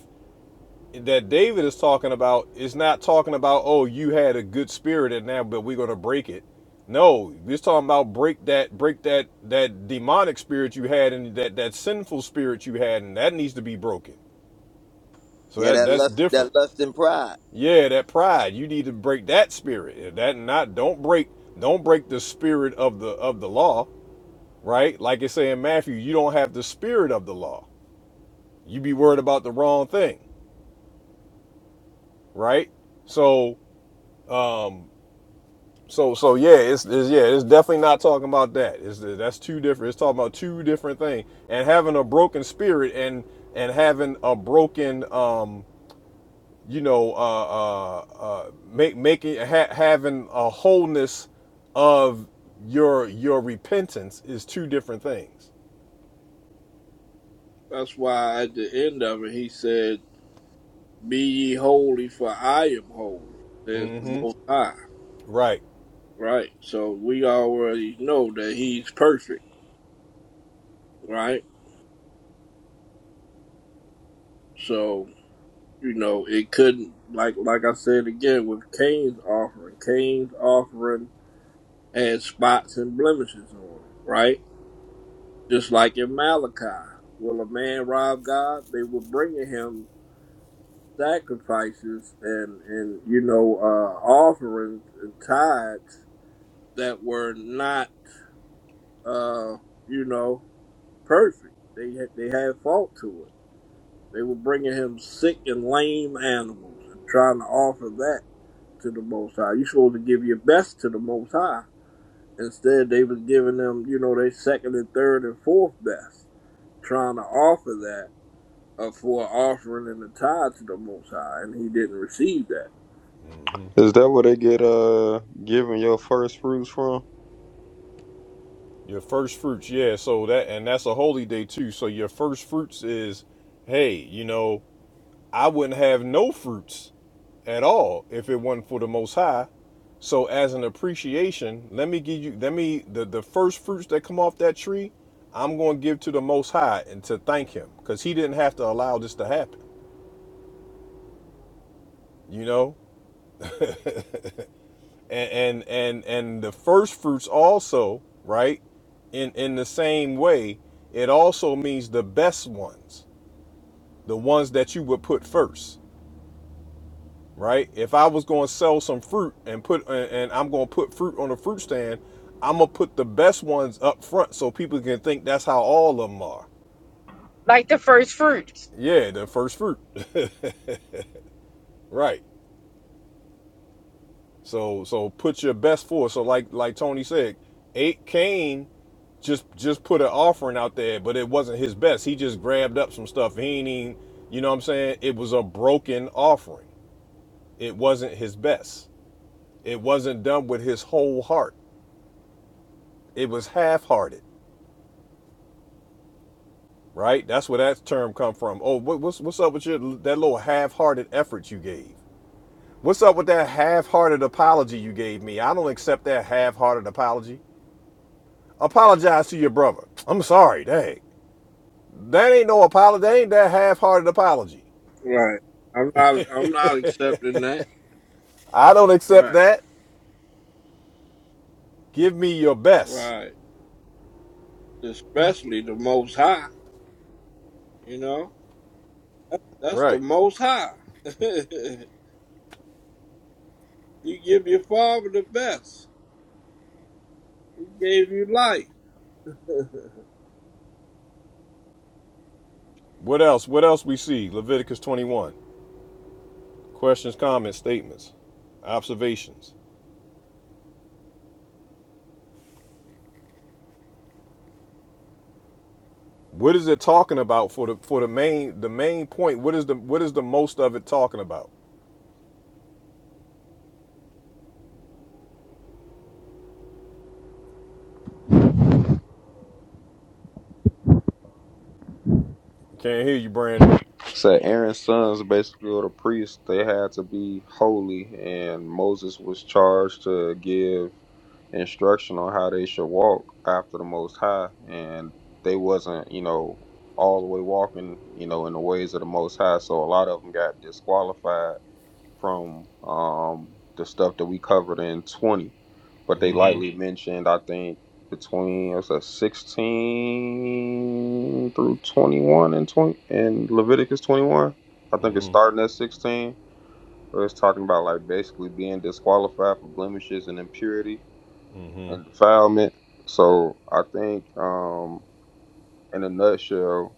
Speaker 4: that David is talking about is not talking about oh you had a good spirit and now but we're gonna break it. No, he's talking about break that break that that demonic spirit you had and that that sinful spirit you had and that needs to be broken. So
Speaker 3: Yeah,
Speaker 4: that
Speaker 3: that
Speaker 4: that's
Speaker 3: lust
Speaker 4: different.
Speaker 3: that lust and pride.
Speaker 4: Yeah, that pride. You need to break that spirit. That not don't break don't break the spirit of the of the law, right? Like it say in Matthew, you don't have the spirit of the law. You be worried about the wrong thing, right? So um so so yeah, it's, it's yeah, it's definitely not talking about that. It's that's two different. It's talking about two different things. And having a broken spirit and and having a broken um you know, uh, uh, uh, make making ha- having a wholeness of your your repentance is two different things.
Speaker 5: that's why at the end of it, he said, Be ye holy, for I am holy, says the
Speaker 4: hmm
Speaker 5: Most High.
Speaker 4: Right.
Speaker 5: Right? So we already know that he's perfect, right? So you know it couldn't like like I said again with Cain's offering. Cain's offering had spots and blemishes on it, right? Just like in Malachi, will a man rob God? They were bringing him sacrifices and and you know uh, offerings and tithes that were not uh, you know perfect. They had, they had fault to it. They were bringing him sick and lame animals and trying to offer that to the Most High. You're supposed to give your best to the Most High. Instead, they was giving them, you know, their second and third and fourth best, trying to offer that uh, for offering and a tithe to the Most High, and he didn't receive that.
Speaker 2: Is that where they get uh given your first fruits from?
Speaker 4: Your first fruits, yeah. So that and that's a holy day too. So your first fruits is, hey, you know, I wouldn't have no fruits at all if it wasn't for the most high so as an appreciation let me give you let me the, the first fruits that come off that tree i'm going to give to the most high and to thank him because he didn't have to allow this to happen you know and and and, and the first fruits also right in in the same way it also means the best ones the ones that you would put first right? If I was going to sell some fruit and put and I'm going to put fruit on a fruit stand, I'm gonna put the best ones up front so people can think that's how all of them are.
Speaker 7: like the first fruits.
Speaker 4: Yeah, the first fruit, right? So so put your best forth. So like like Tony said, eight Cain just just put an offering out there, but it wasn't his best. He just grabbed up some stuff. He ain't even, you know what I'm saying? It was a broken offering. It wasn't his best. It wasn't done with his whole heart. It was half-hearted. right? That's where that term come from. Oh, what, what's what's up with your that little half-hearted effort you gave? What's up with that half-hearted apology you gave me? I don't accept that half-hearted apology. Apologize to your brother. I'm sorry, dang. That ain't no apology. That ain't that half-hearted apology.
Speaker 5: Right. I'm not. I'm not accepting that.
Speaker 4: I don't accept
Speaker 5: Right.
Speaker 4: that. Give me your best.
Speaker 5: Right. Especially the Most High. You know, that's the
Speaker 4: Right.
Speaker 5: Most High. you give your father the best. He gave you life.
Speaker 4: What else? What else we see? Leviticus 21. Questions, comments, statements, observations. What is it talking about for the for the main the main point? What is the what is the most of it talking about? Can't hear you, Brandon.
Speaker 2: So Aaron's sons basically were the priests. They had to be holy, and Moses was charged to give instruction on how they should walk after the Most High, and they wasn't, you know, all the way walking, you know, in the ways of the Most High. So a lot of them got disqualified from um, the stuff that we covered in 20, but they lightly
Speaker 4: Mm-hmm.
Speaker 2: mentioned, I think, between it's a 16 through 21 and 20 and Leviticus 21. I think it's
Speaker 4: Mm-hmm.
Speaker 2: starting at 16, where it's talking about like basically being disqualified for blemishes and impurity and
Speaker 4: Mm-hmm.
Speaker 2: defilement. So I think, um, in a nutshell,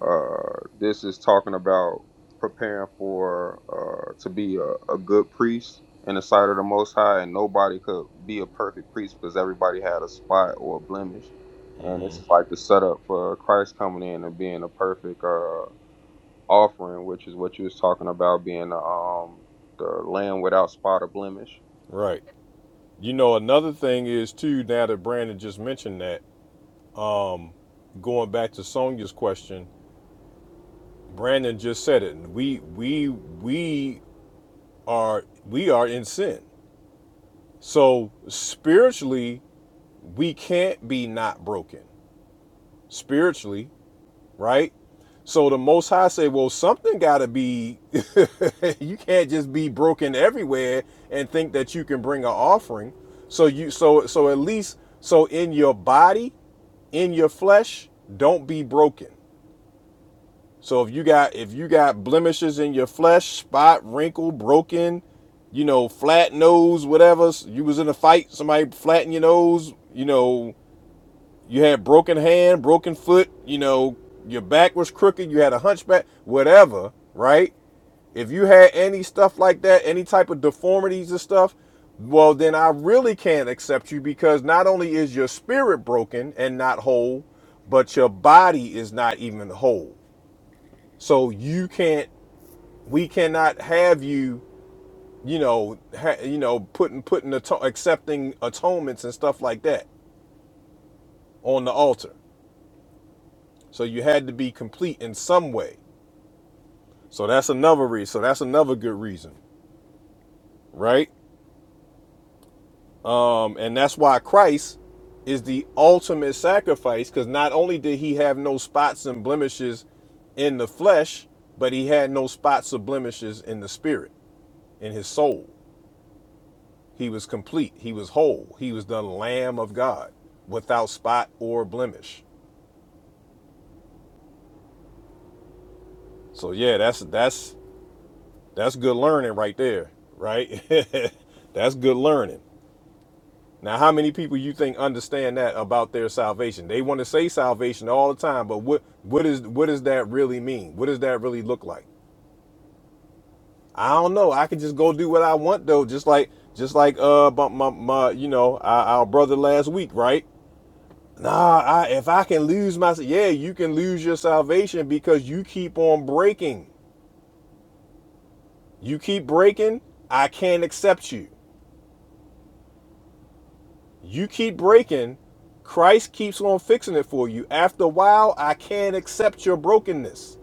Speaker 2: uh, this is talking about preparing for uh, to be a, a good priest in the sight of the Most High, and nobody could be a perfect priest because everybody had a spot or a blemish. And this
Speaker 4: Mm-hmm.
Speaker 2: is like the setup for Christ coming in and being a perfect uh, offering, which is what you was talking about being the um, the lamb without spot or blemish.
Speaker 4: Right. You know, another thing is too, now that Brandon just mentioned that, um, going back to Sonya's question, Brandon just said it. We we we are we are in sin. So spiritually, we can't be not broken. Spiritually, right? So the Most High say, well, something got to be. you can't just be broken everywhere and think that you can bring an offering. So you, so so at least, so in your body, in your flesh, don't be broken. So if you got if you got blemishes in your flesh, spot, wrinkle, broken, you know, flat nose, whatever. You was in a fight, somebody flattened your nose, you know, you had broken hand, broken foot, you know, your back was crooked, you had a hunchback, whatever, right? If you had any stuff like that, any type of deformities and stuff, well, then I really can't accept you because not only is your spirit broken and not whole, but your body is not even whole. So you can't, we cannot have you, you know, ha, you know, putting putting ato- accepting atonements and stuff like that on the altar. So you had to be complete in some way. So that's another reason. So that's another good reason, right? Um, and that's why Christ is the ultimate sacrifice, because not only did he have no spots and blemishes in the flesh, but he had no spots or blemishes in the spirit, in his soul. He was complete. He was whole. He was the Lamb of God, without spot or blemish. So yeah, that's that's that's good learning right there, right? that's good learning. Now, how many people you think understand that about their salvation? They want to say salvation all the time, but what what is what does that really mean? What does that really look like? I don't know. I can just go do what I want though, just like just like uh my my, my you know our, our brother last week, right? Nah, I, if I can lose my yeah, you can lose your salvation because you keep on breaking. You keep breaking, I can't accept you. You keep breaking, Christ keeps on fixing it for you. After a while, I can't accept your brokenness.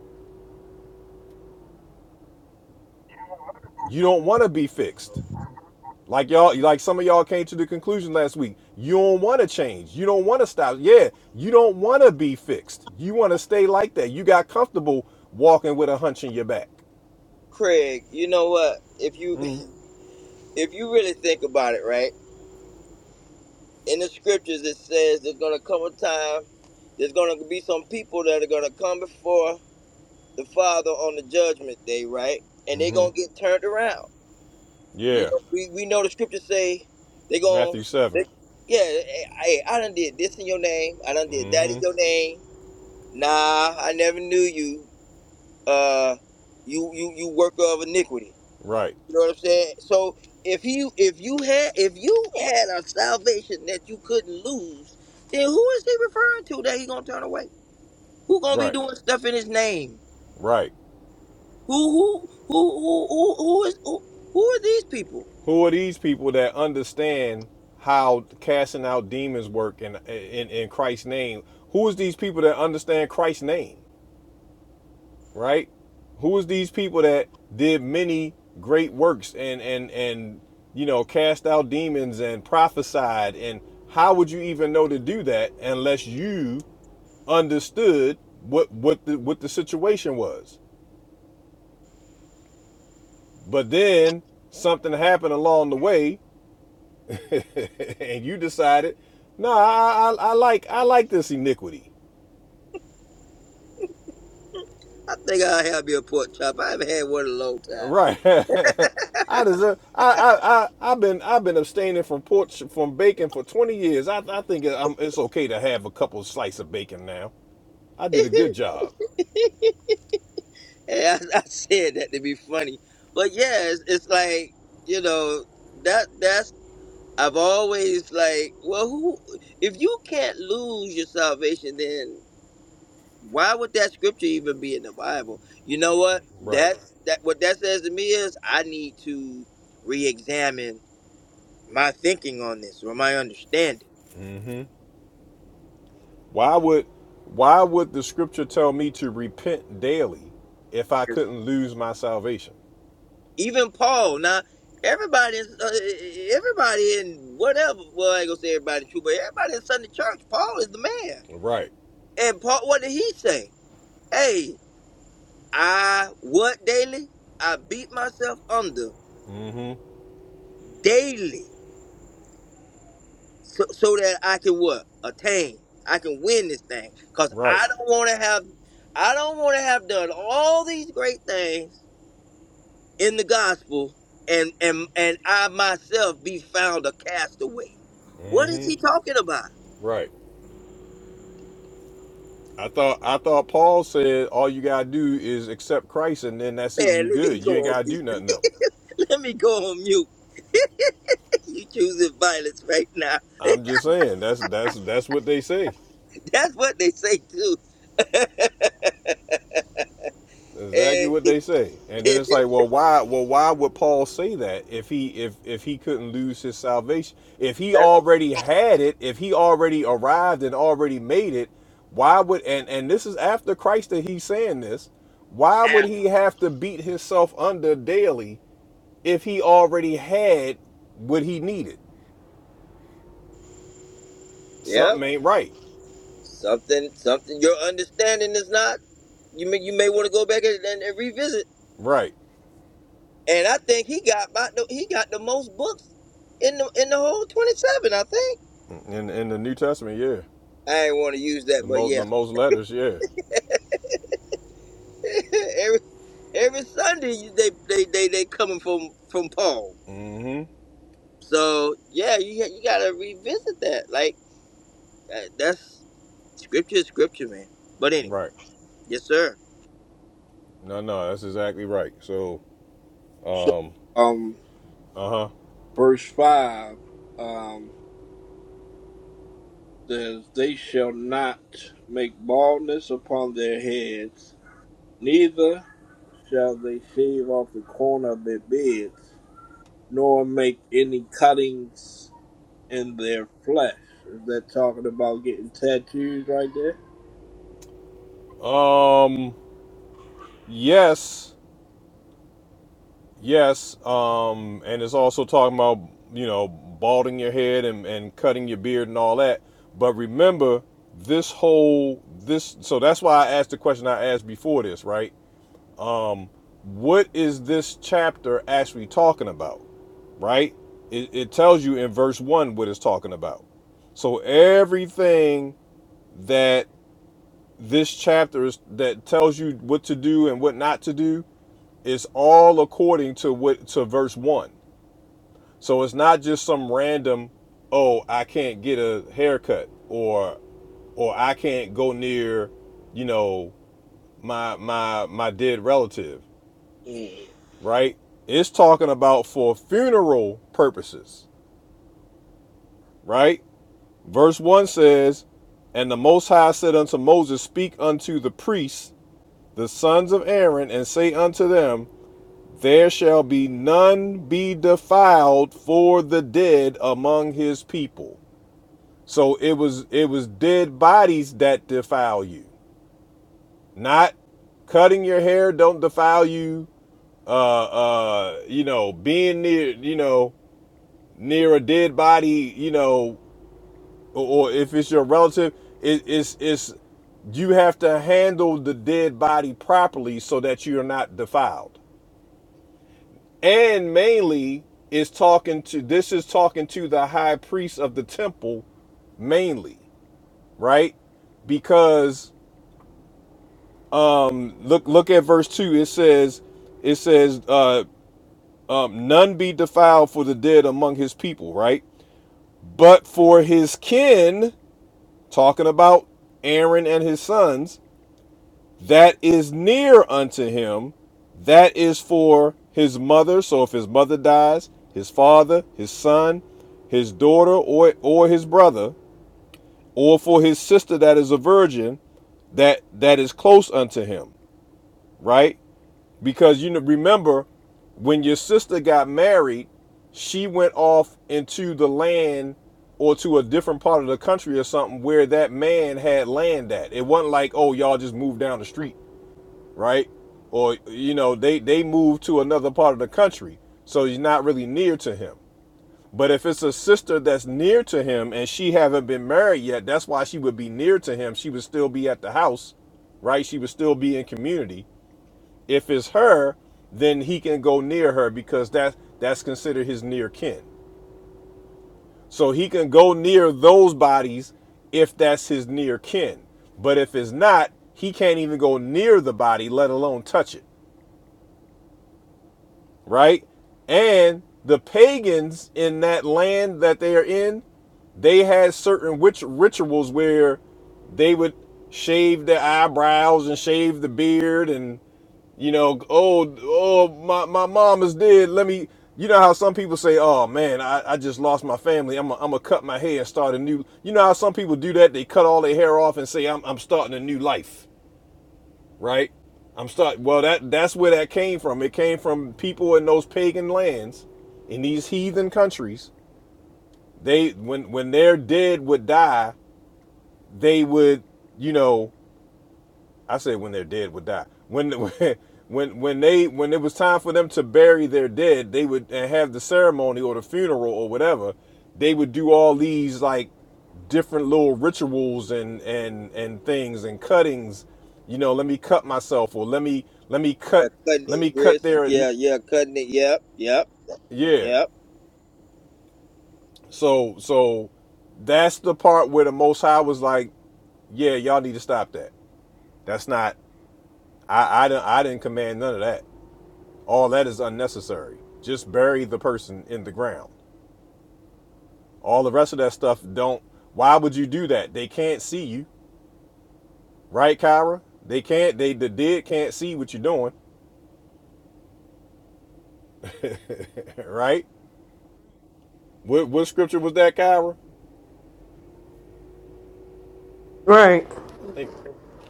Speaker 4: You don't want to be fixed. Like y'all, like some of y'all came to the conclusion last week. You don't want to change. You don't want to stop. Yeah, you don't want to be fixed. You want to stay like that. You got comfortable walking with a hunch in your back.
Speaker 3: Craig, you know what? If you if you really think about it, right? In the scriptures it says there's gonna come a time, there's gonna be some people that are gonna come before the Father on the judgment day, right? And they gonna get turned around. You
Speaker 4: Yeah.
Speaker 3: know, we, we know the scriptures say they gonna,
Speaker 4: Matthew 7.
Speaker 3: they, yeah, hey, hey, I done did this in your name. I done
Speaker 4: mm
Speaker 3: did that in
Speaker 4: Mm-hmm.
Speaker 3: your name. Nah, I never knew you. Uh, you you you worker of iniquity.
Speaker 4: Right.
Speaker 3: You know what I'm saying? So if you if you had if you had a salvation that you couldn't lose, then who is he referring to that he gonna turn away? Who gonna be
Speaker 4: Right.
Speaker 3: doing stuff in his name?
Speaker 4: Right.
Speaker 3: Who who who who who who is who, who are these people?
Speaker 4: Who are these people that understand how casting out demons work in in, in Christ's name? Who is these people that understand Christ's name? Right? Who is these people that did many great works and and and you know cast out demons and prophesied and how would you even know to do that unless you understood what what the what the situation was? But then something happened along the way and you decided, no, I, I, I like I like this iniquity,
Speaker 3: I think I'll have me a pork chop. I haven't had one in a long time.
Speaker 4: right? I deserve. I, I I I've been I've been abstaining from pork from bacon for twenty years. I I think I'm, it's okay to have a couple slices of bacon now. I did a good job,
Speaker 3: And I, I said that to be funny, but yeah, it's, it's like you know that that's I've always like well who if you can't lose your salvation then why would that scripture even be in the Bible? You know what
Speaker 4: right?
Speaker 3: that that what that says to me is I need to re-examine my thinking on this or my understanding
Speaker 4: Why would why would the scripture tell me to repent daily if I couldn't lose my salvation?
Speaker 3: Even Paul. Now, everybody, is- uh, everybody in whatever. Well, I ain't gonna say everybody true, but everybody in Sunday church. Paul is the man.
Speaker 4: Right,
Speaker 3: And Paul, what did he say? Hey, I what daily? I beat myself under
Speaker 4: Mm-hmm.
Speaker 3: daily, so, so that I can what attain. I can win this thing, cause
Speaker 4: right,
Speaker 3: I don't want to have. I don't want to have done all these great things in the gospel and and and I myself be found a castaway. What is he talking about?
Speaker 4: right. I thought I thought Paul said all you gotta do is accept Christ and then that's it. You
Speaker 3: Man, let me
Speaker 4: good.
Speaker 3: go
Speaker 4: You ain't
Speaker 3: on
Speaker 4: gotta
Speaker 3: mute.
Speaker 4: do nothing else.
Speaker 3: Let me go on mute. You choosing violence right now.
Speaker 4: I'm just saying that's that's that's what they say.
Speaker 3: That's what they say too.
Speaker 4: Exactly
Speaker 3: And
Speaker 4: what they say. And then it's like, well, why well why would Paul say that if he if if he couldn't lose his salvation? If he
Speaker 3: that's
Speaker 4: already had it, if he already arrived and already made it, why would and and this is after Christ that he's saying this, why would
Speaker 3: app.
Speaker 4: he have to beat himself under daily if he already had what he needed? Something
Speaker 3: Yep.
Speaker 4: ain't right.
Speaker 3: Something something your understanding is not. You may you may want to go back and, and, and revisit.
Speaker 4: Right.
Speaker 3: And I think he got about the, he got the most books in the in the whole twenty seven, I think.
Speaker 4: In in the New Testament, yeah.
Speaker 3: I ain't wanna use that,
Speaker 4: The
Speaker 3: but
Speaker 4: most
Speaker 3: yeah.
Speaker 4: the most letters, yeah.
Speaker 3: every Sunday you- they they they they coming from from Paul.
Speaker 4: Mm-hmm.
Speaker 3: So yeah, you you gotta revisit that. Like uh, that's scripture, is scripture, man. But anyway,
Speaker 4: Right.
Speaker 3: yes, sir.
Speaker 4: No, no, that's exactly right. So,
Speaker 5: so,
Speaker 4: um,
Speaker 5: um.
Speaker 4: uh-huh.
Speaker 5: verse 5 um, says, They shall not make baldness upon their heads, neither shall they shave off the corner of their beards, nor make any cuttings in their flesh. Is that talking about getting tattoos right there?
Speaker 4: Um, yes, yes. Um, and it's also talking about, you know, balding your head and, and cutting your beard and all that. But remember, this whole this so that's why I asked the question I asked before this, right? Um, what is this chapter actually talking about? right? It, it tells you in verse 1 what it's talking about. So everything that this chapter is that tells you what to do and what not to do is all according to what to verse 1. So it's not just some random oh, I can't get a haircut or or I can't go near, you know, my my my dead relative,
Speaker 5: Mm.
Speaker 4: right? It's talking about for funeral purposes, right? Verse 1 says, And the Most High said unto Moses, Speak unto the priests, the sons of Aaron, and say unto them, There shall be none be defiled for the dead among his people. So it was it was dead bodies that defile you, not cutting your hair don't defile you uh uh you know being near you know near a dead body you know or, or if it's your relative, it, it's it's you have to handle the dead body properly so that you're not defiled. And mainly is talking to this is talking to the high priest of the temple mainly, right? Because um look look at verse 2 it says it says uh um, none be defiled for the dead among his people, right? But for his kin, talking about Aaron and his sons, that is near unto him that is for his mother so if his mother dies his father his son his daughter or or his brother or for his sister that is a virgin that that is close unto him right because you know, remember when your sister got married she went off into the land or to a different part of the country or something where that man had land at it wasn't like oh y'all just moved down the street right? Or you know, they they move to another part of the country, so he's not really near to him. But if it's a sister that's near to him and she haven't been married yet, that's why she would be near to him. She would still be at the house, right? She would still be in community. If it's her, then he can go near her because that that's considered his near kin. So he can go near those bodies if that's his near kin. But if it's not, he can't even go near the body, let alone touch it. right? And the pagans in that land that they are in, they had certain witch rituals where they would shave their eyebrows and shave the beard and you know, oh oh my, my mom is dead. Let me you know how some people say, Oh man, I, I just lost my family. I'm gonna cut my hair and start a new you know how some people do that? They cut all their hair off and say I'm I'm starting a new life right? I'm start well that that's where that came from. It came from people in those pagan lands, in these heathen countries. They when when their dead would die, they would, you know, I say when they're dead would die. When when when when they when it was time for them to bury their dead, they would and have the ceremony or the funeral or whatever. They would do all these like different little rituals and and and things and cuttings. You know, let me cut myself or let me let me
Speaker 3: Yeah,
Speaker 4: cut
Speaker 3: cutting
Speaker 4: let
Speaker 3: the
Speaker 4: me cut
Speaker 3: wrist.
Speaker 4: their
Speaker 3: Yeah, yeah, cutting it. Yep, yep,
Speaker 4: yeah.
Speaker 3: yep.
Speaker 4: So so that's the part where the Most High was like, yeah, y'all need to stop that. That's not I I didn't I didn't command none of that. all that is unnecessary just bury the person in the ground all the rest of that stuff don't why would you do that they can't see you right kyra they can't they the dead can't see what you're doing right what, what scripture was that kyra
Speaker 6: Right.
Speaker 4: i think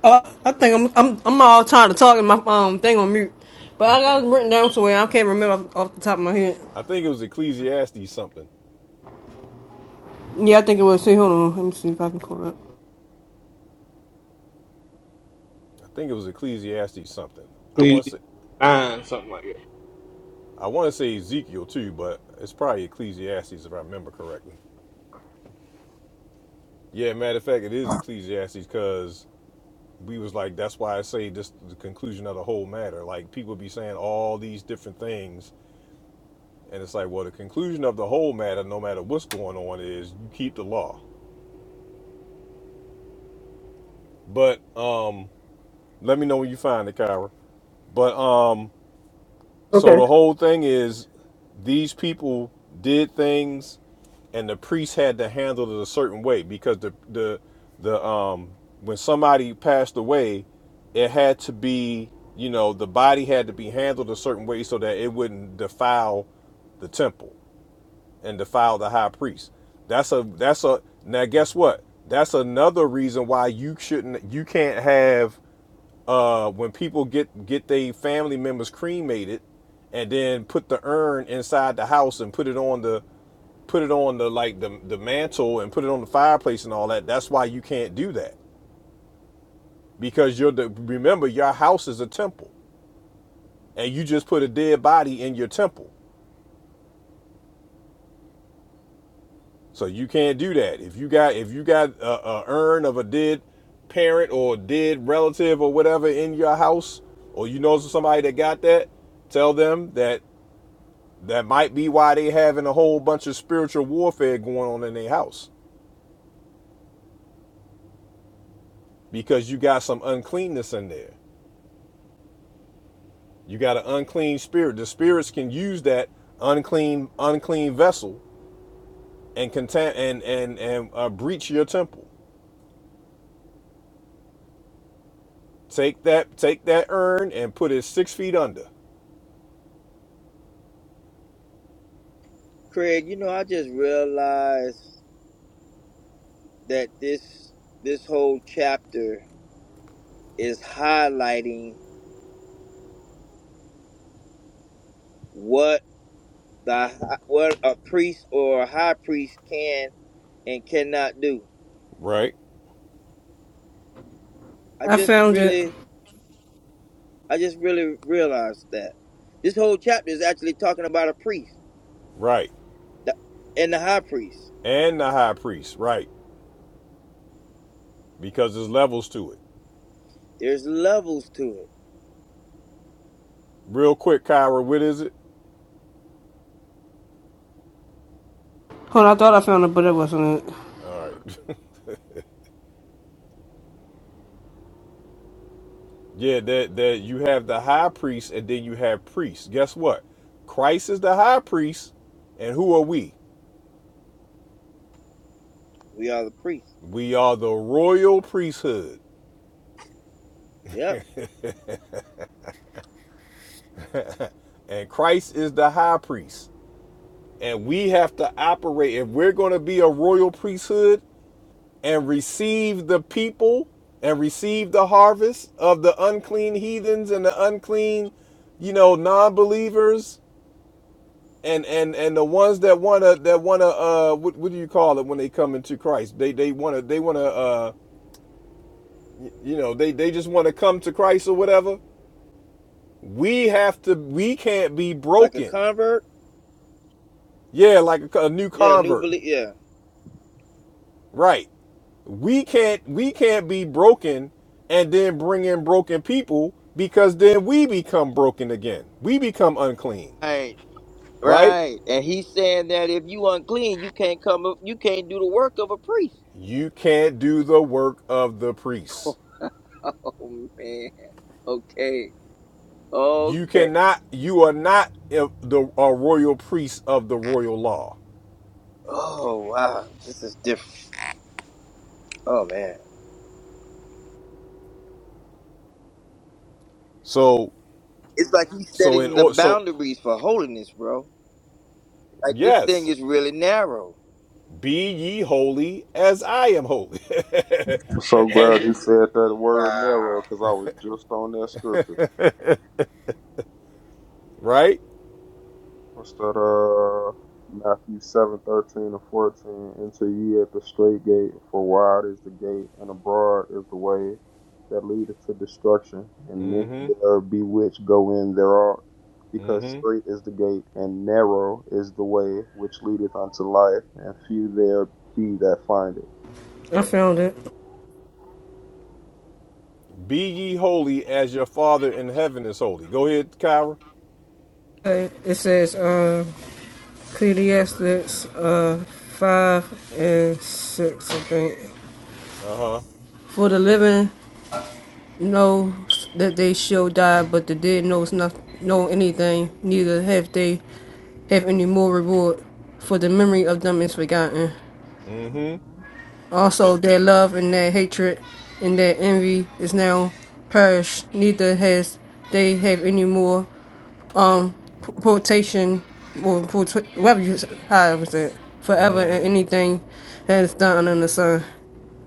Speaker 6: Uh, I think I'm I'm I'm all tired of talking my um thing on mute. But I got it written down somewhere. I can't remember off off the top of my head.
Speaker 4: i think it was ecclesiastes something
Speaker 6: Yeah, I think it was See, Hold on, let me see if I can pull it up.
Speaker 4: i think it was ecclesiastes something i
Speaker 5: Please,
Speaker 4: want to say
Speaker 5: nine, something like that.
Speaker 4: i want to say ezekiel too but it's probably ecclesiastes if i remember correctly yeah matter of fact it is ecclesiastes because we was like that's why i say this the conclusion of the whole matter like people be saying all these different things and it's like well the conclusion of the whole matter no matter what's going on is you keep the law but um let me know when you find it kyra but um so
Speaker 6: Okay.
Speaker 4: the whole thing is these people did things and the priest had to handle it a certain way because the the the um when somebody passed away, it had to be you know the body had to be handled a certain way so that it wouldn't defile the temple and defile the high priest. That's a that's a now guess what? That's another reason why you shouldn't you can't have uh when people get get their family members cremated and then put the urn inside the house and put it on the put it on the like the the mantle and put it on the fireplace and all that. That's why you can't do that because you're the remember your house is a temple and you just put a dead body in your temple, so you can't do that. If you got if you got a, a urn of a dead parent or dead relative or whatever in your house, or you know somebody that got that, tell them that that might be why they having a whole bunch of spiritual warfare going on in their house because you got some uncleanness in there. You got an unclean spirit. The spirits can use that unclean unclean vessel and contain and and and uh, breach your temple. Take that take that urn and put it six feet under.
Speaker 3: Craig, you know, I just realized that this this whole chapter is highlighting what the hi- what a priest or a high priest can and cannot do.
Speaker 4: Right,
Speaker 3: I
Speaker 6: I
Speaker 3: just
Speaker 6: found it.
Speaker 3: really I just really realized that this whole chapter is actually talking about a priest
Speaker 4: right,
Speaker 3: the- and the high priest.
Speaker 4: and the high priest. Right, because there's levels to it.
Speaker 3: There's levels to it.
Speaker 4: Real quick, Kyra, what is it?
Speaker 6: Hold on, I thought I found it, but it wasn't it.
Speaker 4: All right. Yeah, that that you have the high priest and then you have priests. Guess what? Christ is the high priest, and who are we?
Speaker 3: We are the priest.
Speaker 4: We are the royal priesthood.
Speaker 3: Yep,
Speaker 4: and Christ is the high priest. And we have to operate if we're going to be a royal priesthood and receive the people and receive the harvest of the unclean heathens and the unclean, you know, non-believers and and and the ones that want to that want to uh what, what do you call it when they come into Christ? They they want to they want to uh you know, they they just want to come to Christ or whatever. We have to we can't be
Speaker 3: like a
Speaker 4: broken.
Speaker 3: convert.
Speaker 4: Yeah, like a, a new
Speaker 3: Yeah, new
Speaker 4: convert.
Speaker 3: belief. Yeah,
Speaker 4: Right. we can't we can't be broken and then bring in broken people because then we become broken again. We become unclean,
Speaker 3: right,
Speaker 4: right?
Speaker 3: right. And he's saying that if you unclean, you can't come. up- You can't do the work of a priest.
Speaker 4: You can't do the work of the priest.
Speaker 3: Oh man. Okay.
Speaker 4: You
Speaker 3: Okay.
Speaker 4: cannot you are not a- the a royal priest of the royal law.
Speaker 3: Oh wow. This is different. Oh man.
Speaker 4: So
Speaker 3: It's like he's
Speaker 4: so in
Speaker 3: setting the
Speaker 4: or so
Speaker 3: boundaries for holiness, bro. Like this thing
Speaker 4: yes,
Speaker 3: is really narrow.
Speaker 4: be ye holy as I am holy.
Speaker 2: I'm so
Speaker 4: as
Speaker 2: glad
Speaker 4: you,
Speaker 2: you said that word narrow
Speaker 3: Wow.
Speaker 2: because I was just on that scripture.
Speaker 4: right?
Speaker 2: What's that? Uh, Matthew seven thirteen and fourteen. Enter ye at the straight gate, for wide is the gate, and broad is the way that leadeth to destruction, and many
Speaker 4: Mm-hmm,
Speaker 2: there be which go in thereof. Because
Speaker 4: mm-hmm.
Speaker 2: straight is the gate, and narrow is the way which leadeth unto life, and few there be that find it.
Speaker 6: I found it.
Speaker 4: Be ye holy as your Father in heaven is holy. Go ahead, Kyra.
Speaker 6: Okay, It says uh, Ecclesiastes uh, 5 and 6, I think.
Speaker 4: Uh huh.
Speaker 6: For the living know that they shall die, but the dead knows not know anything, neither have they have any more reward, for the memory of them is forgotten.
Speaker 4: Mm hmm. And
Speaker 6: Also, their love and their hatred and their envy is now perished. Neither has they have any more um p- potation or whatever you s- how forever and anything that is done under the sun.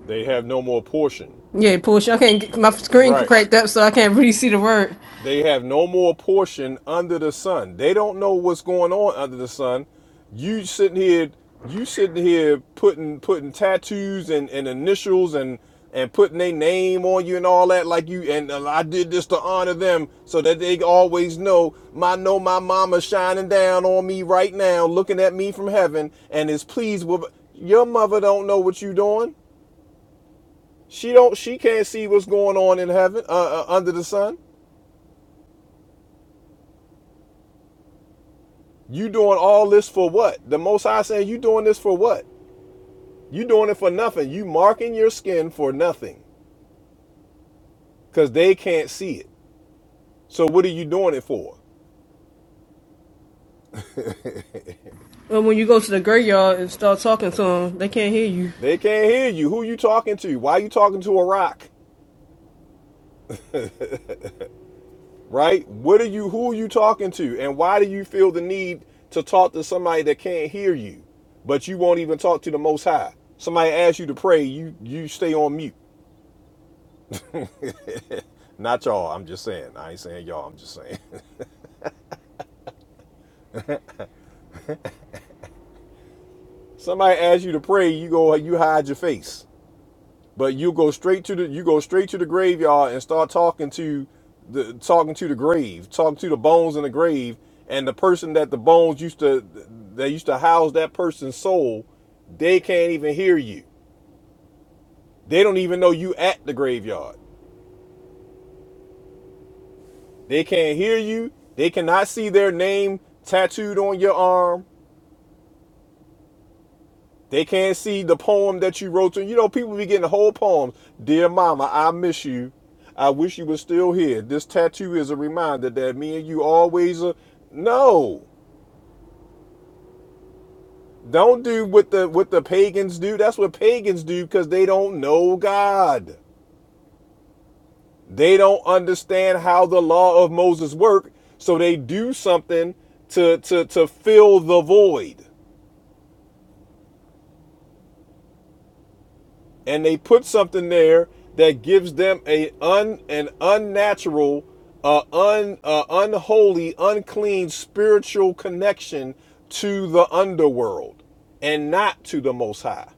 Speaker 4: they have no more portion.
Speaker 6: Yeah, push. I can't get my screen
Speaker 4: Right.
Speaker 6: cracked up, so I can't really see the word.
Speaker 4: They have no more portion under the sun. They don't know what's going on under the sun. You sitting here, you sitting here putting putting tattoos and, and initials and and putting their name on you and all that like you and uh, I did this to honor them so that they always know my know my mama shining down on me right now looking at me from heaven and is pleased with your mother don't know what you doing she don't she can't see what's going on in heaven uh, uh, under the sun You doing all this for what? The Most High saying you doing this for what? You doing it for nothing. You marking your skin for nothing, cause they can't see it. So what are you doing it for?
Speaker 6: But when you go to the graveyard and start talking to them, they can't hear you.
Speaker 4: They can't hear you. Who you talking to? Why you talking to a rock? Right? What are you? Who are you talking to? And why do you feel the need to talk to somebody that can't hear you? But you won't even talk to the Most High. Somebody asks you to pray, you you stay on mute. Not y'all. I'm just saying. I ain't saying y'all. I'm just saying. Somebody asks you to pray, you go you hide your face. But you go straight to the you go straight to the graveyard and start talking to the talking to the grave, talking to the bones in the grave, and the person that the bones used to that used to house that person's soul, they can't even hear you. They don't even know you at the graveyard. They can't hear you. They cannot see their name tattooed on your arm. They can't see the poem that you wrote to. You know, people be getting whole poems. Dear Mama, I miss you. I wish you were still here. This tattoo is a reminder that me and you always are. No, don't do what the what the pagans do. That's what pagans do because they don't know God. They don't understand how the law of Moses work, so they do something to to to fill the void. and they put something there that gives them a un an unnatural, uh, un uh, unholy, unclean spiritual connection to the underworld and not to the Most High.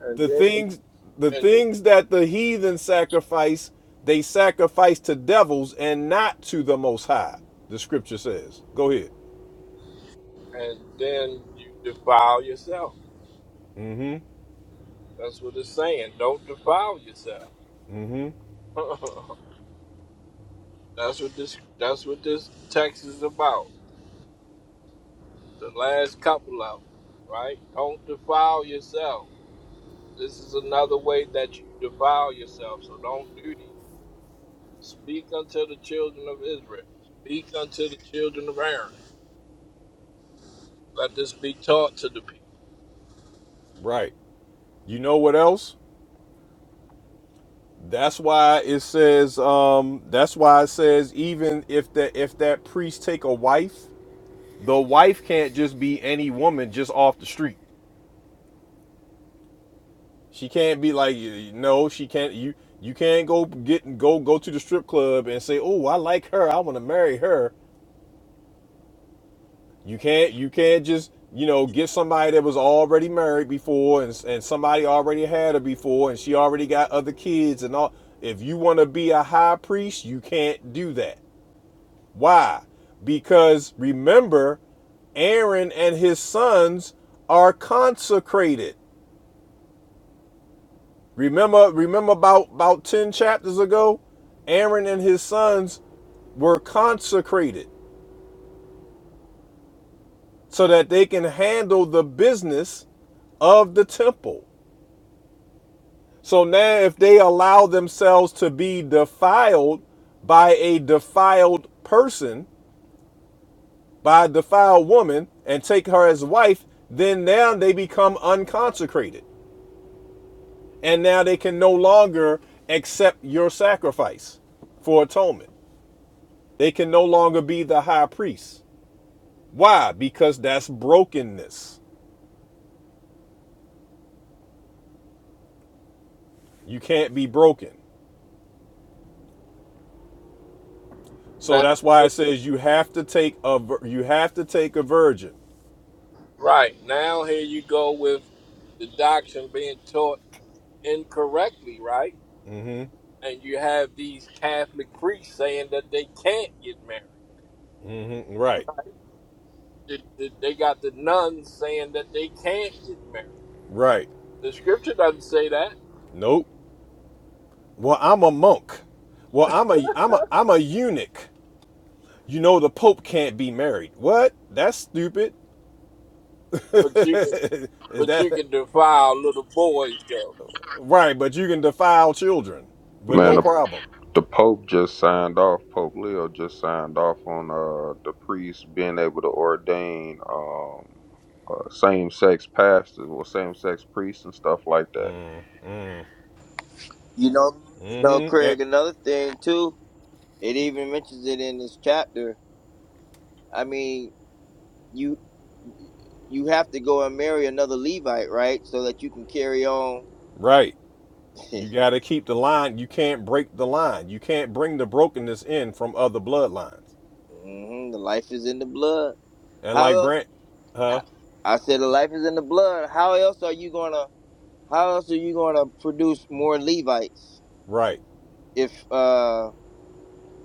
Speaker 5: And
Speaker 4: The
Speaker 5: then you,
Speaker 4: things the
Speaker 5: and,
Speaker 4: things that the heathen sacrifice, they sacrifice to devils and not to the Most High. The Scripture says. Go ahead.
Speaker 5: and then you defile yourself.
Speaker 4: Mm-hmm.
Speaker 5: That's what it's saying. Don't defile yourself. That's what this that's what this text is about. The last couple of them, right? Don't defile yourself. This is another way that you defile yourself. So don't do these. Speak unto the children of Israel. Speak unto the children of Aaron. Let this be taught to the people.
Speaker 4: Right. You know what else? That's why it says. Um, that's why it says even if that if that priest take a wife, the wife can't just be any woman just off the street. She can't be like y- no, she can't. You you can't go get go go to the strip club and say, oh, I like her, I want to marry her. You can't you can't just you know get somebody that was already married before and and somebody already had her before and she already got other kids and all. If you want to be a high priest, you can't do that Why? Because remember, Aaron and his sons are consecrated. Remember, remember about, about 10 chapters ago? Aaron and his sons were consecrated so that they can handle the business of the temple. So now, if they allow themselves to be defiled by a defiled person, by a defiled woman, and take her as wife, then now they become unconsecrated. And now they can no longer accept your sacrifice for atonement. They can no longer be the high priest. Why? Because that's brokenness. You can't be broken. So
Speaker 5: Now,
Speaker 4: that's why it says you have to take a you have to take a virgin.
Speaker 5: right now, here you go with the doctrine being taught incorrectly, right? And you have these Catholic priests saying that they can't get married.
Speaker 4: Mhm, Right.
Speaker 5: They got the nuns saying that they can't get married.
Speaker 4: Right.
Speaker 5: The scripture doesn't say that,
Speaker 4: Nope. Well, I'm a monk. Well, I'm a I'm a I'm a eunuch. You know the pope can't be married. What? That's stupid.
Speaker 5: but you can
Speaker 4: Is
Speaker 5: but you
Speaker 4: that
Speaker 5: can defile little boys though.
Speaker 4: Right, but you can defile children with
Speaker 2: Man.
Speaker 4: no
Speaker 2: the
Speaker 4: problem.
Speaker 2: The Pope just signed off. Pope Leo just signed off on uh the priests being able to ordain um uh, same sex pastors or same sex priests and stuff like that.
Speaker 3: You know, you know,
Speaker 4: mm hmm
Speaker 3: Craig. Another thing too. It even mentions it in this chapter. I mean, you you have to go and marry another Levite, right? So that you can carry on.
Speaker 4: right. You got to keep the line. You can't break the line. You can't bring the brokenness in from other bloodlines.
Speaker 3: hmm the life is in the blood.
Speaker 4: And
Speaker 3: How
Speaker 4: like
Speaker 3: else?
Speaker 4: Brent,
Speaker 3: h-
Speaker 4: huh?
Speaker 3: I said the life is in the blood. How else are you gonna? How else are you gonna produce more Levites
Speaker 4: Right,
Speaker 3: if uh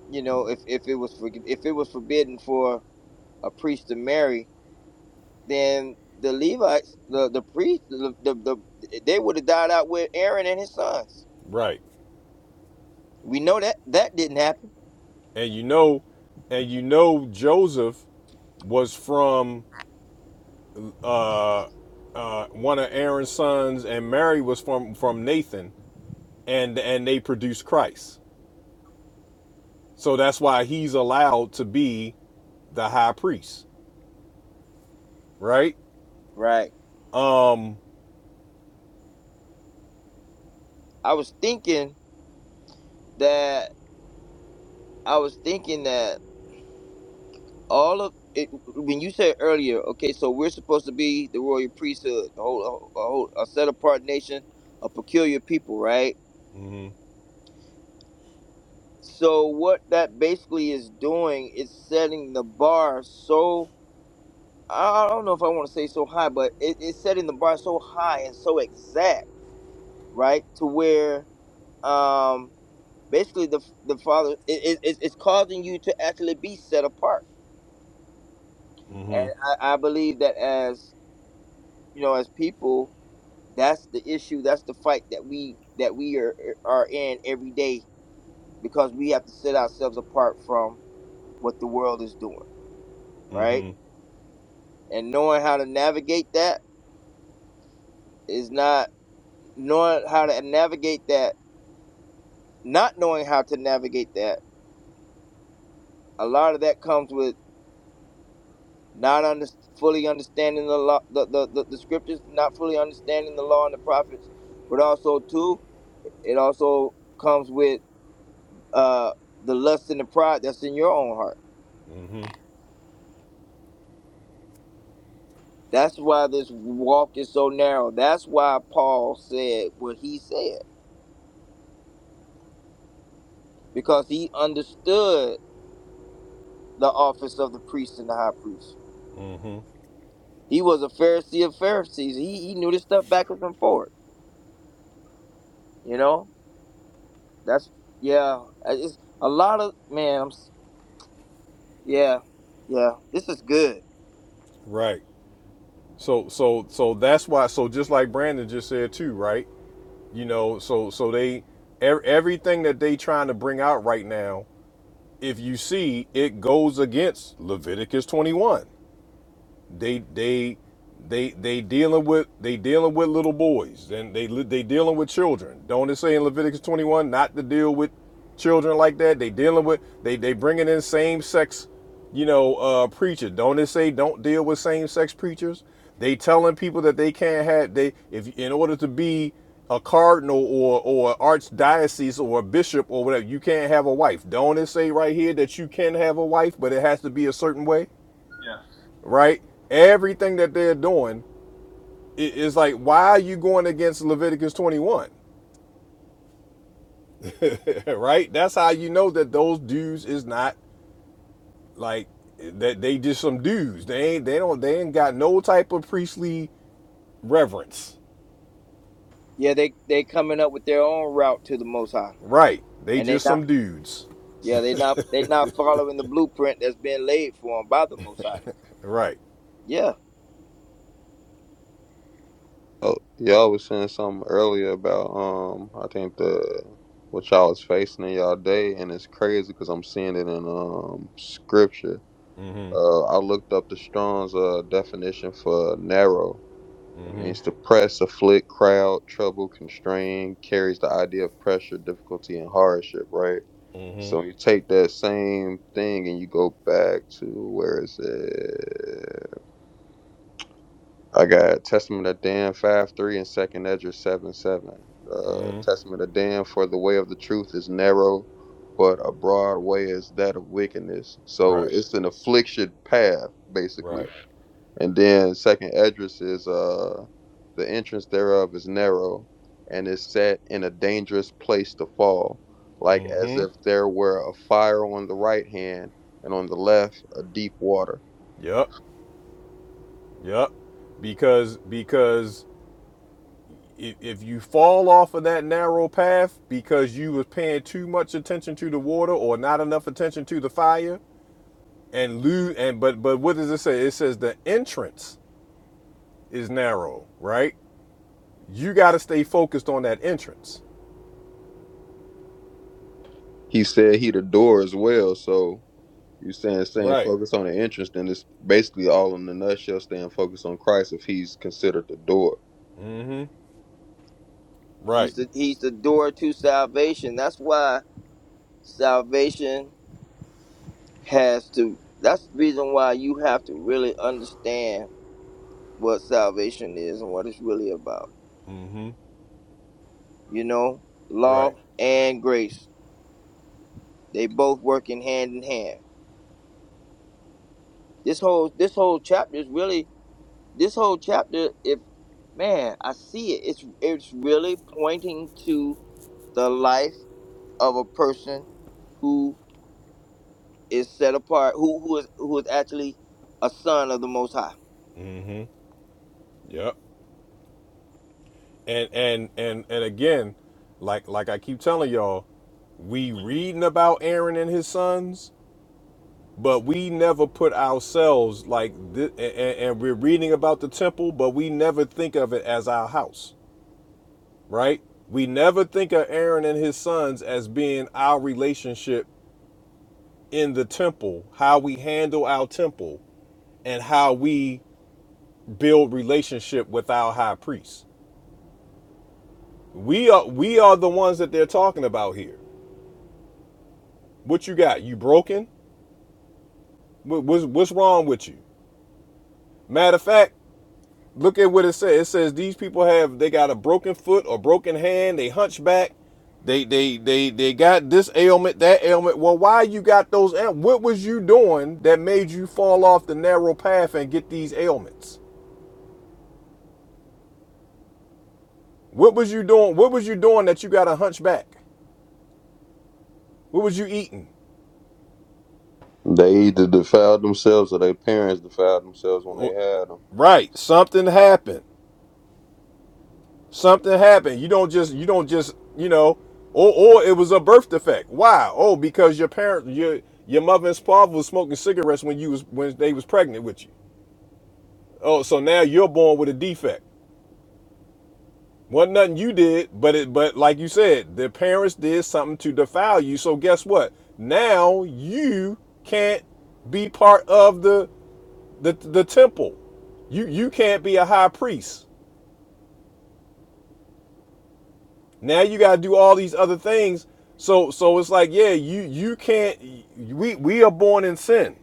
Speaker 3: you know if if it was for, if it was forbidden for a priest to marry? then the Levites, the the priests, the, the, the they would have died out with Aaron and his sons.
Speaker 4: right.
Speaker 3: We know that that didn't happen,
Speaker 4: And you know, and you know, Joseph was from uh, uh, one of Aaron's sons, and Mary was from from Nathan, and and they produced Christ. So that's why he's allowed to be the high priest. right?
Speaker 3: right?
Speaker 4: Um,
Speaker 3: I was thinking that I was thinking that all of it, when you said earlier, okay, so we're supposed to be the royal priesthood, the whole a, whole a set apart nation, a peculiar people, right?
Speaker 4: mhm,
Speaker 3: So what that basically is doing is setting the bar so I I don't know if I want to say so high, but it, it's setting the bar so high and so exact, right? To where um, basically the the father it, it, it's it's causing you to actually be set apart, and
Speaker 4: Mm. mhm,
Speaker 3: I, I believe that as you know, as people, that's the issue. That's the fight that we that we are are in every day because we have to set ourselves apart from what the world is doing, right?
Speaker 4: Mm.
Speaker 3: And knowing how to navigate that is not knowing how to navigate that not knowing how to navigate that. A lot of that comes with not under, fully understanding the, law, the, the the the scriptures, not fully understanding the law and the prophets, but also too, it also comes with uh, the lust and the pride that's in your own heart.
Speaker 4: mhm, mhm,
Speaker 3: That's why this walk is so narrow. That's why Paul said what he said because he understood the office of the priest and the high priest.
Speaker 4: mhm.
Speaker 3: He was a Pharisee of Pharisees. He he knew this stuff backwards and forward. You know, That's yeah. uh, It's a lot of man. I'm, s- yeah, yeah. This is good.
Speaker 4: Right. So, so, so that's why. So, just like Brandon just said too, right? You know, so, so they ev- everything that they trying to bring out right now, if you see, it goes against Leviticus twenty one. they they they they dealing with they dealing with little boys and they they dealing with children. Don't it say in Leviticus 21 not to deal with children like that? They dealing with they they bringing in same sex, you know, uh preachers. Don't it say don't deal with same sex preachers? They telling people that they can't have they if in order to be a cardinal or or archdiocese or a bishop or whatever, you can't have a wife. Don't it say right here that you can have a wife, but it has to be a certain way?
Speaker 5: Yeah.
Speaker 4: right? Everything that they're doing is like, why are you going against Leviticus 21? right? That's how you know that those dudes is not like that they just some dudes. They ain't they don't they ain't got no type of priestly reverence.
Speaker 3: Yeah, they they coming up with their own route to the Most High,
Speaker 4: Right. They
Speaker 3: and they
Speaker 4: just
Speaker 3: not.
Speaker 4: some dudes.
Speaker 3: Yeah, they not they not following the blueprint that's been laid for them by the Most High.
Speaker 4: Right.
Speaker 3: Yeah,
Speaker 2: Oh, y'all was saying something earlier about um I think the what y'all was facing in y'all day, and it's crazy because I'm seeing it in um scripture. Uh, I looked up the Strong's uh definition for narrow, It
Speaker 4: Mhm.
Speaker 2: means to press, afflict, crowd, trouble, constrain, carries the idea of pressure, difficulty, and hardship, right? So
Speaker 4: Mhm.
Speaker 2: you take that same thing and you go back to where is it? I got Testament of Dan five three and Second Ezra seven seven. Uh, Testament of Dan for the way of the truth is narrow, but a broad way is that of wickedness. So
Speaker 4: Right.
Speaker 2: it's an affliction path, basically
Speaker 4: Right.
Speaker 2: and then second Edris is uh the entrance thereof is narrow and is set in a dangerous place to fall, like as
Speaker 4: Mhm.
Speaker 2: if there were a fire on the right hand and on the left a deep water.
Speaker 4: Yep. Yep. Because because if, if you fall off of that narrow path because you was paying too much attention to the water or not enough attention to the fire and lose and but but what does it say it says the entrance is narrow right you got to stay focused on that entrance
Speaker 2: He said he the door as well, so you saying saying
Speaker 4: right
Speaker 2: focus on the entrance, then it's basically all in the nutshell staying focused on Christ if he's considered the door.
Speaker 4: mm-hmm
Speaker 3: he's
Speaker 4: right
Speaker 3: the he's the door to salvation. That's why salvation has to. That's the reason why you have to really understand what salvation is and what it's really about.
Speaker 4: mm-hmm
Speaker 3: You know,
Speaker 4: right
Speaker 3: law and grace. They both working hand in hand. This whole this whole chapter is really this whole chapter. If man, I see it. It's it's really pointing to the life of a person who is set apart, who who is who is actually a son of the Most High.
Speaker 4: yep and and and and again like like i keep telling y'all we reading about aaron and his sons but we never put ourselves like this, and, and we're reading about the temple, but we never think of it as our house, right? We never think of Aaron and his sons as being our relationship in the temple, how we handle our temple, and how we build relationship with our high priest. We are we are the ones that they're talking about here. What you got? You broken? What, what's what's wrong with you? Matter of fact, Look at what it says. It says these people have they got a broken foot or broken hand, they hunchback, they they they they got this ailment, that ailment. Well, why you got those what was you doing that made you fall off the narrow path and get these ailments? What was you doing? What was you doing that you got a hunchback? What was you eating?
Speaker 2: They either defiled themselves or their parents defiled themselves when they
Speaker 4: Oh,
Speaker 2: had them.
Speaker 4: Right, something happened. something happened you don't just you don't just you know or or it was a birth defect why oh because your parent your your mother and father was smoking cigarettes when you was when they was pregnant with you oh so now you're born with a defect wasn't nothing you did but it but like you said the parents did something to defile you so guess what now you can't be part of the the, the temple you you can't be a high priest Now you got to do all these other things. So so it's like yeah, you you can't we we are born in sin.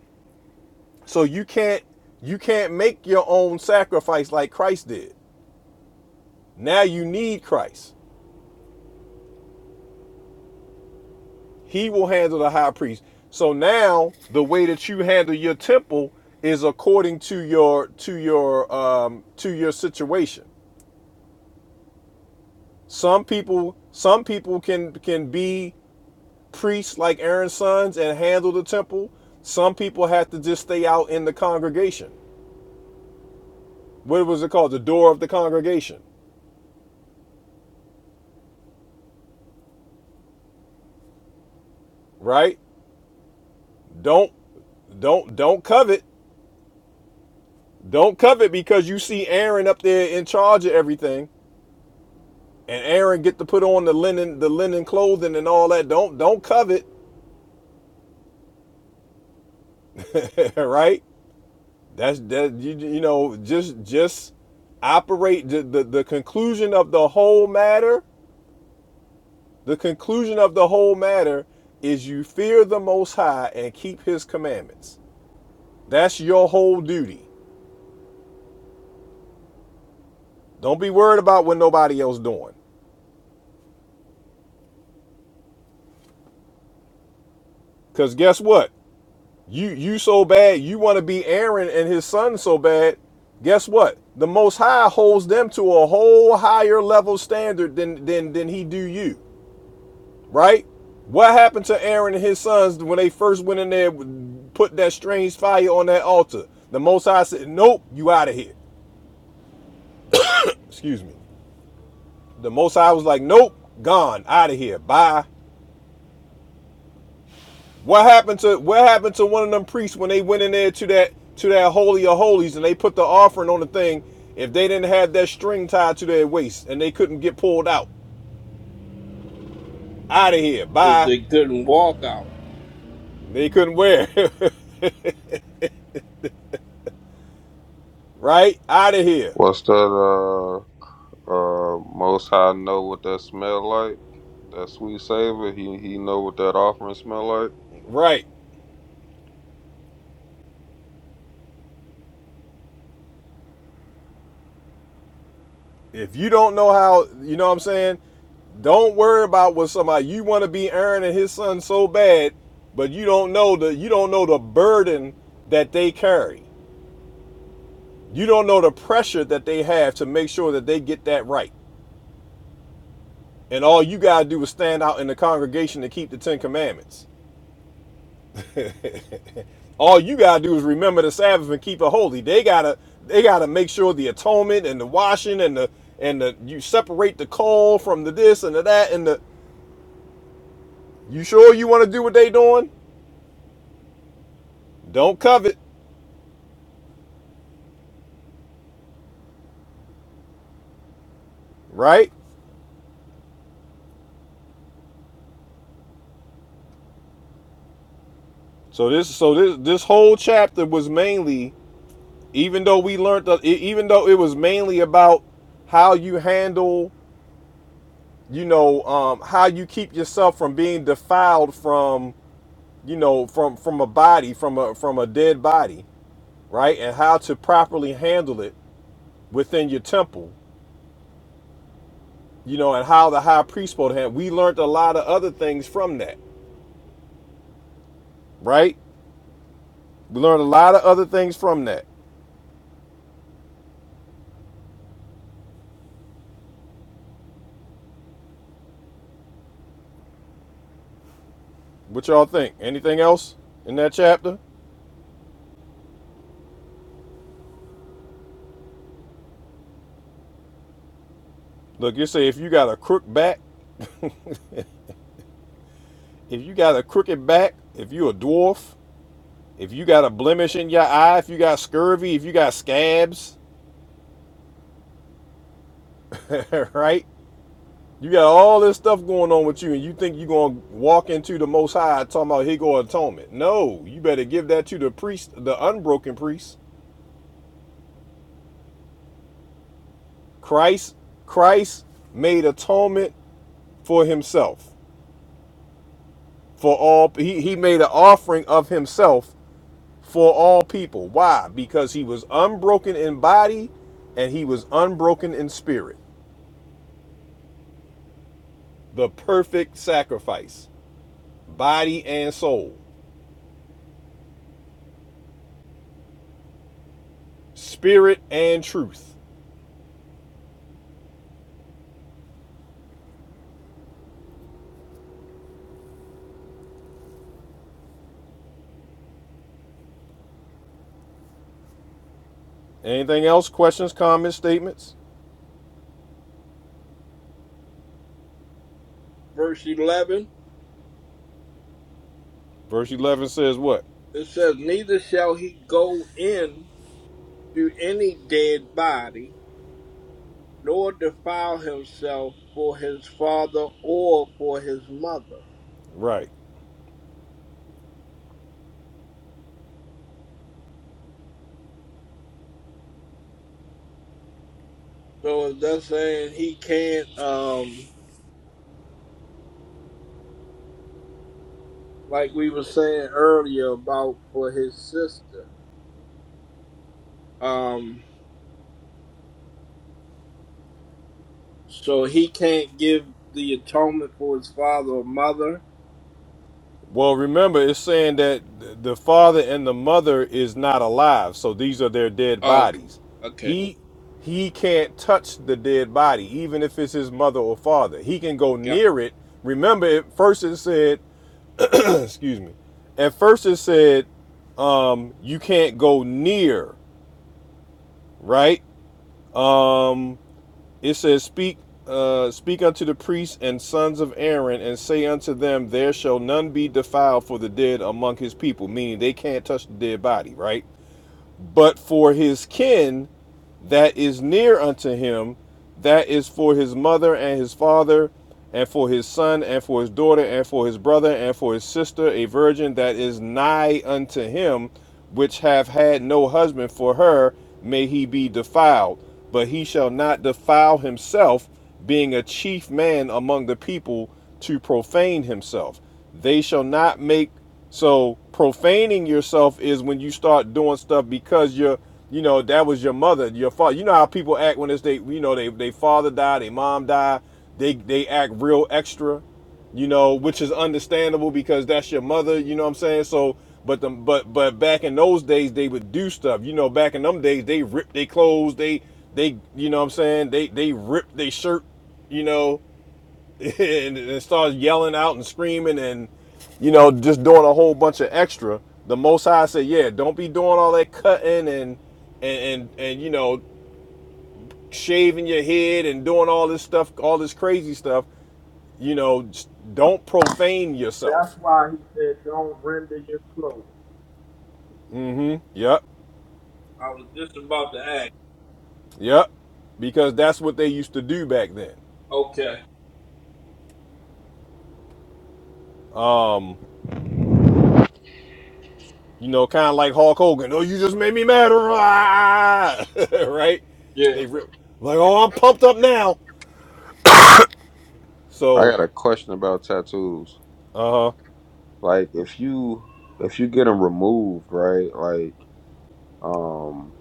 Speaker 4: So you can't you can't make your own sacrifice like Christ did. Now you need Christ. He will handle the high priest. So now the way that you handle your temple is according to your to your um to your situation. Some people some people can can be priests like Aaron's sons and handle the temple. Some people had to just stay out in the congregation. What was it called? The door of the congregation, right? Don't don't don't covet. Don't covet because you see Aaron up there in charge of everything. And Aaron get to put on the linen, the linen clothing and all that. Don't don't covet, right? That's that you, you know just just operate the, the the conclusion of the whole matter The conclusion of the whole matter is you fear the Most High and keep His commandments. That's your whole duty. Don't be worried about what nobody else doing. Cause guess what? You you so bad you want to be Aaron and his son so bad. Guess what? The Most High holds them to a whole higher level standard than than than He do you, right? What happened to Aaron and his sons when they first went in there, put that strange fire on that altar? The Most High said, "Nope, you out of here." Excuse me. The Most High was like, "Nope, gone, out of here, bye." What happened to what happened to one of them priests when they went in there to that to that holy of holies and they put the offering on the thing? If they didn't have that string tied to their waist and they couldn't get pulled out, out of here,
Speaker 5: If
Speaker 4: bye.
Speaker 5: they couldn't walk out.
Speaker 4: They couldn't wear, it. right? Out of here,
Speaker 2: What's that? uh? Uh, Most High know what that smell like. That sweet savor. He he know what that offering smell like.
Speaker 4: right? If you don't know how, you know what I'm saying? Don't worry about what somebody you want to be Aaron and his son so bad, but you don't know the you don't know the burden that they carry. You don't know the pressure that they have to make sure that they get that right. And all you got to do is stand out in the congregation to keep the 10 commandments. All you got to do is remember the Sabbath and keep it holy. They got to they got to make sure the atonement and the washing and the and the you separate the coal from the this and the that and the you sure you want to do what they doing? Don't covet, right? So this so this this whole chapter was mainly even though we learned that even though it was mainly about how you handle you know um, how you keep yourself from being defiled from you know from from a body from a from a dead body right and how to properly handle it within your temple you know and how the high priest supposed handle we learned a lot of other things from that right we learned a lot of other things from that what y'all think anything else in that chapter look you say if you got a crook back if you got a crooked back if you a dwarf if you got a blemish in your eye if you got scurvy if you got scabs right? You got all this stuff going on with you, and you think you're gonna walk into the Most High talking about here go atonement? No, you better give that to the priest, the unbroken priest. Christ, Christ made atonement for himself, for all. He he made an offering of himself for all people. Why? Because he was unbroken in body, and he was unbroken in spirit. The perfect sacrifice, body and soul, spirit and truth. Anything else? Questions, comments, statements?
Speaker 5: Verse eleven
Speaker 4: Verse 11 says what?
Speaker 5: it says, Neither shall he go in to any dead body, nor defile himself for his father or for his mother.
Speaker 4: Right.
Speaker 5: So if that's saying he can't um like we were saying earlier about for his sister. Um, so he can't give the atonement for his father or mother.
Speaker 4: Well, remember, it's saying that the father and the mother is not alive, so these are their dead
Speaker 5: Okay,
Speaker 4: bodies.
Speaker 5: okay,
Speaker 4: He he can't touch the dead body, even if it's his mother or father. He can go
Speaker 5: got.
Speaker 4: near it. Remember, at first it said, excuse me. At first it said, um, you can't go near, right? Um, It says, "Speak, uh, speak unto the priests and sons of Aaron, and say unto them, There shall none be defiled for the dead among his people," meaning they can't touch the dead body, right? But for his kin that is near unto him, that is for his mother and his father, and for his son, and for his daughter, and for his brother, and for his sister, a virgin that is nigh unto him, which have had no husband for her, may he be defiled. But he shall not defile himself, being a chief man among the people, to profane himself. They shall not make so profaning yourself is when you start doing stuff because you're, you know, that was your mother, your father. You know how people act when it's they, you know, they they father died, they mom died, they they act real extra, you know, which is understandable because that's your mother. You know what I'm saying? So, but the but but back in those days they would do stuff. You know, back in them days they ripped their clothes, they they you know what I'm saying? They they ripped their shirt, you know. and, and starts yelling out and screaming and you know just doing a whole bunch of extra the most high said yeah don't be doing all that cutting and and and, and you know shaving your head and doing all this stuff all this crazy stuff you know don't profane
Speaker 5: That's
Speaker 4: yourself
Speaker 5: why he said, "Don't render your clothes."
Speaker 4: mm-hmm yep
Speaker 5: I was just about to ask.
Speaker 4: yep because that's what they used to do back then
Speaker 5: Okay,
Speaker 4: um you know kind of like hulk hogan oh you just made me mad right
Speaker 5: yeah.
Speaker 4: they rip like oh i'm pumped up now
Speaker 2: I
Speaker 4: So,
Speaker 2: got a question about tattoos.
Speaker 4: Uh huh.
Speaker 2: Like if you if you get them removed, right? Like um,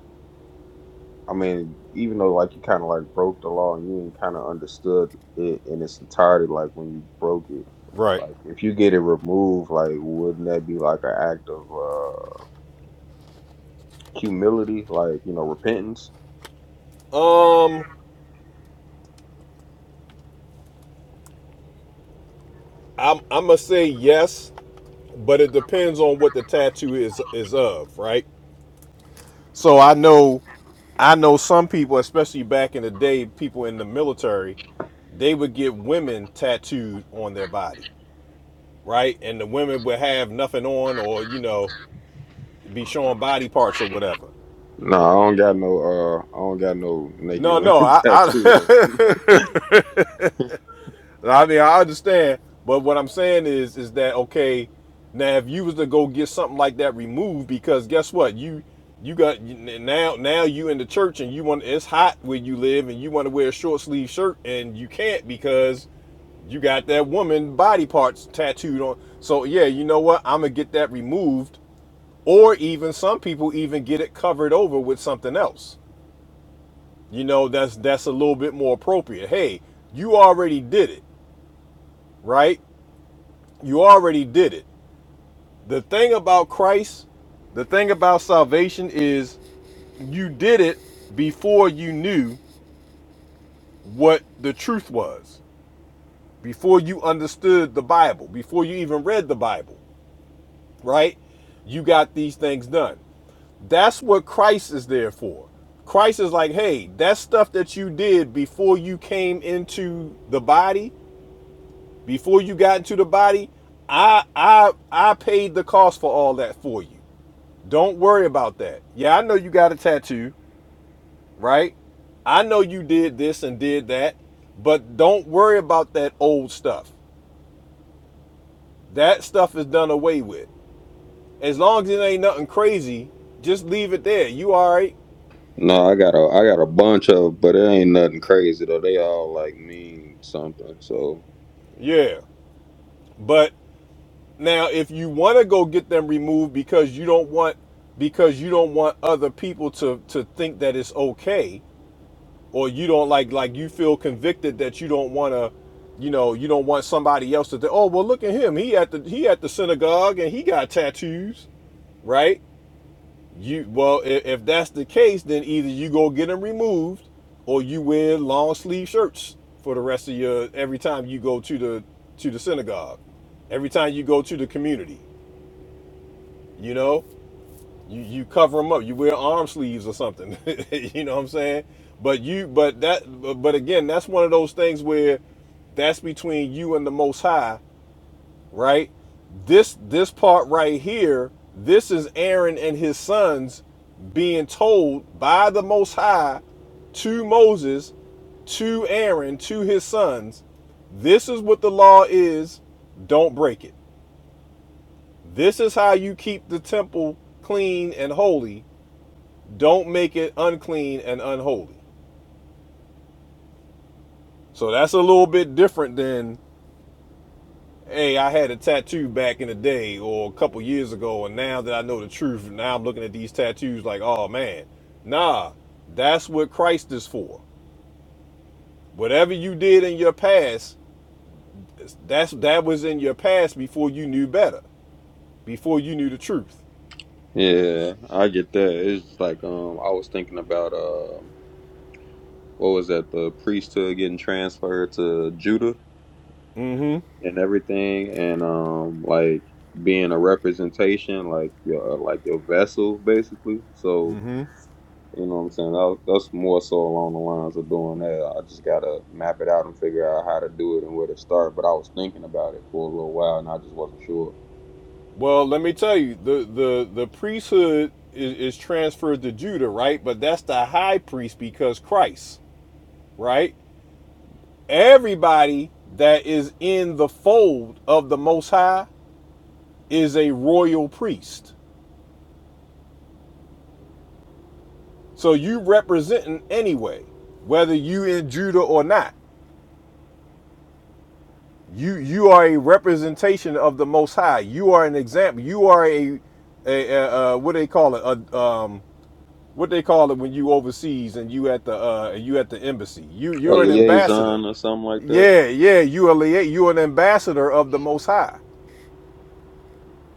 Speaker 2: I mean, even though like you kind of like broke the law and you ain't kind of understood it in its entirety, like when you broke it.
Speaker 4: Right.
Speaker 2: Like if you get it removed, like wouldn't that be like an act of uh humility, like you know repentance?
Speaker 4: um, I'm I'm gonna say yes, but it depends on what the tattoo is is of, right? So I know I know some people, especially back in the day, people in the military, they would get women tattooed on their body, right? And the women would have nothing on, or you know, be showing body parts or whatever.
Speaker 2: No, I don't got no uh I don't got no naked
Speaker 4: No, no,
Speaker 2: women
Speaker 4: I,
Speaker 2: tattooed on.
Speaker 4: I I mean, I understand, but what I'm saying is, is that okay? Now, if you was to go get something like that removed, because guess what, you you got now now you in the church and you want it's hot where you live and you want to wear a short sleeve shirt and you can't because you got that woman body parts tattooed on. So yeah, you know what? I'm gonna get that removed, or even some people even get it covered over with something else. You know, that's that's a little bit more appropriate. Hey, you already did it, right? You already did it. The thing about Christ, the thing about salvation is you did it before you knew what the truth was, before you understood the Bible, before you even read the Bible, right? You got these things done. That's what Christ is there for. Christ is like, hey, that stuff that you did before you came into the body, before you got into the body, I I I paid the cost for all that for you. Don't worry about that. Yeah, I know you got a tattoo, right? I know you did this and did that, but don't worry about that old stuff. That stuff is done away with. As long as it ain't nothing crazy, just leave it there. You all right?
Speaker 2: No, I got a I got a bunch of but it ain't nothing crazy though. They all like mean something. So
Speaker 4: Yeah. But now if you want to go get them removed because you don't want because you don't want other people to to think that it's okay, or you don't like like you feel convicted that you don't want to you know you don't want somebody else to think oh well look at him he at the he at the synagogue and he got tattoos right you well if, if that's the case then either you go get them removed or you wear long sleeve shirts for the rest of your every time you go to the to the synagogue every time you go to the community you know you you cover them up. You wear arm sleeves or something. you know what I'm saying? But you but that but, but again, that's one of those things where that's between you and the Most High, right? This this part right here, this is Aaron and his sons being told by the Most High to Moses, to Aaron, to his sons, this is what the law is. Don't break it. This is how you keep the temple clean and holy don't make it unclean and unholy. So that's a little bit different than, hey, I had a tattoo back in the day or a couple years ago, and now that I know the truth, now I'm looking at these tattoos like, oh man, nah, that's what Christ is for. Whatever you did in your past, that's that was in your past before you knew better, before you knew the truth.
Speaker 2: yeah, I get that. It's just like um I was thinking about uh what was that, the priesthood getting transferred to Judah
Speaker 4: hmm
Speaker 2: and everything and um like being a representation, like your uh, like your vessel basically. So You know what I'm saying? That, that's more so along the lines of doing that. I just gotta map it out and figure out how to do it and where to start. But I was thinking about it for a little while and I just wasn't sure.
Speaker 4: Well, let me tell you, the the the priesthood is, is transferred to Judah, right? But that's the high priest because Christ, right? Everybody that is in the fold of the Most High is a royal priest. So you representing anyway, whether you in Judah or not. You you are a representation of the Most High. You are an example. You are a a, a, uh what they call it a um what they call it when you overseas and you at the uh you at the embassy. You
Speaker 2: A
Speaker 4: you're an ambassador.
Speaker 2: liaison or something like that.
Speaker 4: Yeah, yeah. You are you are an ambassador of the Most High.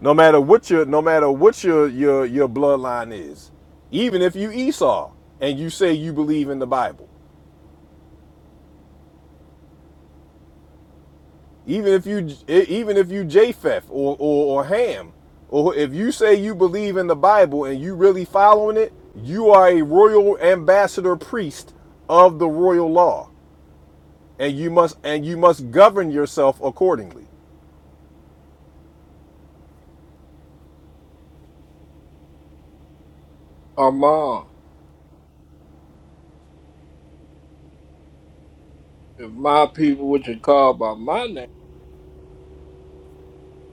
Speaker 4: No matter what your no matter what your your your bloodline is, even if you Esau and you say you believe in the Bible, even if you e, even if you Japheth or or, or Ham, or if you say you believe in the Bible and you really following it, you are a royal ambassador priest of the royal law, and you must and you must govern yourself accordingly.
Speaker 5: Amon, if my people, which are called by my name,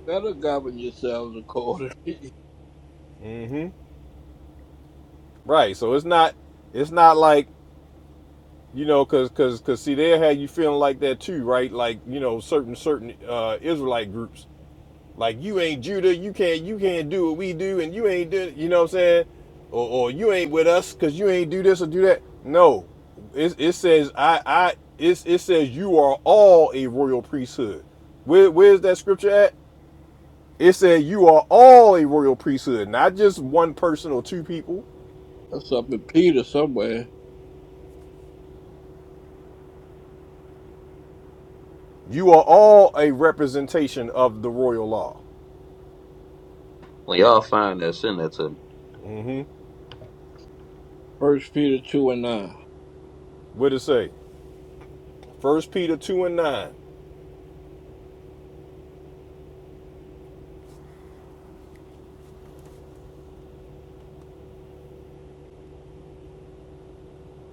Speaker 5: better govern yourselves accordingly.
Speaker 4: Mm-hmm. Right. So it's not it's not like You know, cause, cause, cause, see, they'll have you feeling like that too, right? Like, you know, certain, certain uh, Israelite groups, like you ain't Judah, you can't, you can't do what we do, and you ain't do, you know what I'm saying? Or, or you ain't with us, cause you ain't do this or do that. No, it, it says I, I, it, it says you are all a royal priesthood. Where, where's that scripture at? It says you are all a royal priesthood, not just one person or two people.
Speaker 5: That's up in Peter somewhere.
Speaker 4: You are all a representation of the royal law.
Speaker 2: When y'all find that, send that to me.
Speaker 4: Mm-hmm.
Speaker 5: First Peter two and nine.
Speaker 4: What it say? First Peter 2 and 9.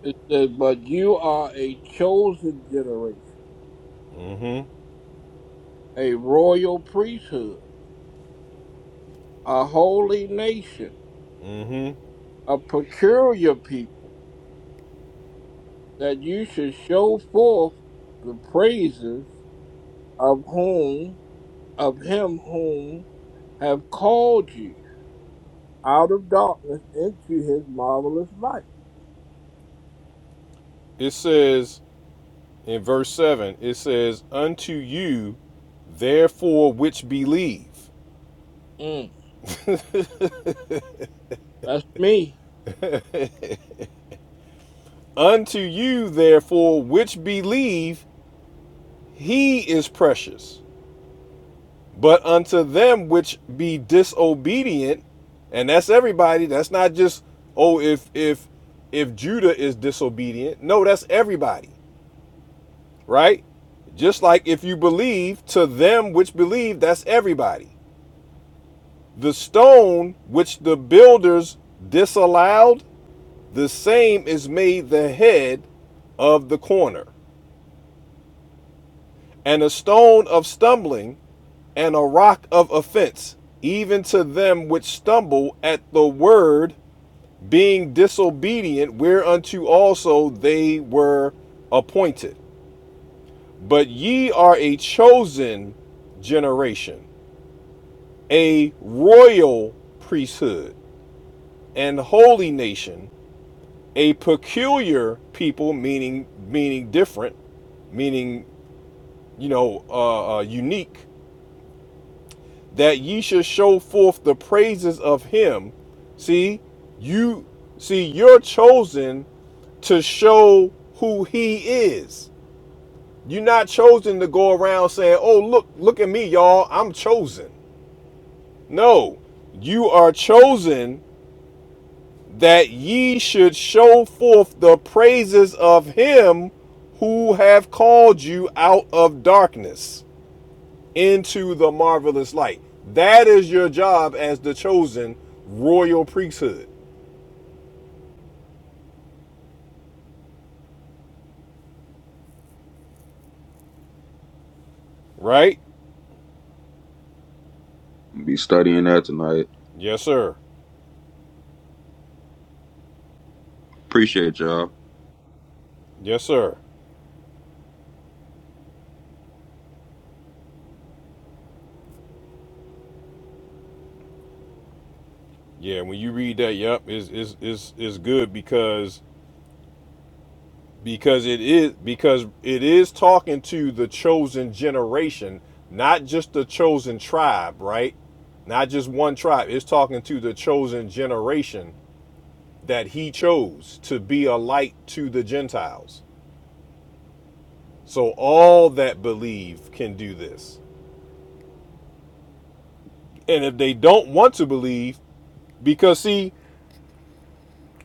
Speaker 5: It says, "But you are a chosen generation,
Speaker 4: Mm-hmm.
Speaker 5: a royal priesthood, a holy nation."
Speaker 4: Mm-hmm.
Speaker 5: a peculiar people, that you should show forth the praises of whom of him whom have called you out of darkness into his marvelous light.
Speaker 4: It says in verse 7, it says, Unto you therefore which believe.
Speaker 5: Mm, that's me.
Speaker 4: Unto you therefore which believe, he is precious. But unto them which be disobedient, and that's everybody, that's not just, oh, if if if Judah is disobedient. No, that's everybody. right? Just like if you believe, to them which believe, that's everybody. The stone which the builders disallowed, the same is made the head of the corner, and a stone of stumbling, and a rock of offense, even to them which stumble at the word, being disobedient, whereunto also they were appointed. But ye are a chosen generation a royal priesthood and holy nation, a peculiar people, meaning meaning different, meaning you know uh, uh, unique, that ye should show forth the praises of him. See, you see, you're chosen to show who he is. You're not chosen to go around saying, "Oh, look, look at me, y'all. I'm chosen." No, you are chosen that ye should show forth the praises of him who have called you out of darkness into the marvelous light. That is your job as the chosen royal priesthood, right?
Speaker 2: Be studying that tonight.
Speaker 4: Yes, sir.
Speaker 2: Appreciate y'all.
Speaker 4: Yes, sir. Yeah, when you read that, yep, is is is is good because because it is because it is talking to the chosen generation not just the chosen tribe right not just one tribe it's talking to the chosen generation that he chose to be a light to the gentiles so all that believe can do this and if they don't want to believe because see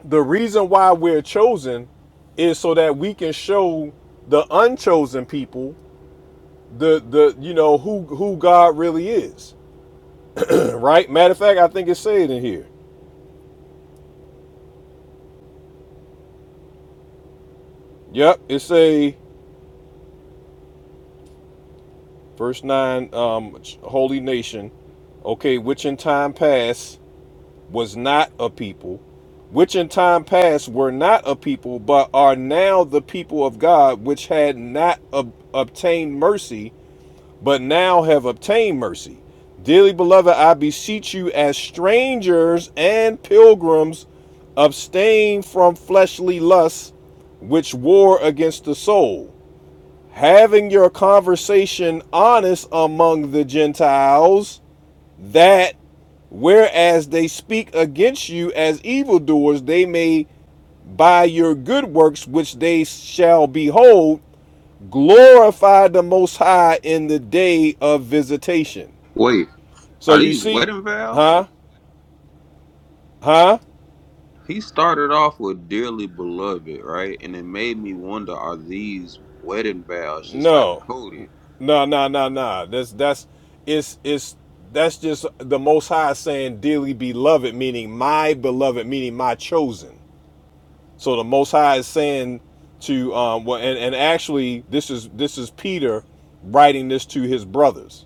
Speaker 4: the reason why we're chosen is so that we can show the unchosen people the the you know who who God really is Right? Matter of fact, I think it said in here. Yep, it say verse nine, um, holy nation. Okay, which in time past was not a people, which in time past were not a people, but are now the people of God, which had not ob- obtained mercy, but now have obtained mercy. Dearly beloved, I beseech you as strangers and pilgrims, abstain from fleshly lusts which war against the soul having your conversation honest among the Gentiles, that whereas they speak against you as evildoers, they may by your good works which they shall behold glorify the Most High in the day of visitation.
Speaker 2: Wait,
Speaker 4: So
Speaker 2: are
Speaker 4: you
Speaker 2: these
Speaker 4: see,
Speaker 2: wedding vows?
Speaker 4: huh? Huh?
Speaker 2: He started off with dearly beloved, right? And it made me wonder: Are these wedding vows just like
Speaker 4: No,
Speaker 2: coded?
Speaker 4: no, no, no, no. That's that's it's it's that's just the Most High saying dearly beloved, meaning my beloved, meaning my chosen. So the Most High is saying to um, well, and, and actually this is this is Peter writing this to his brothers.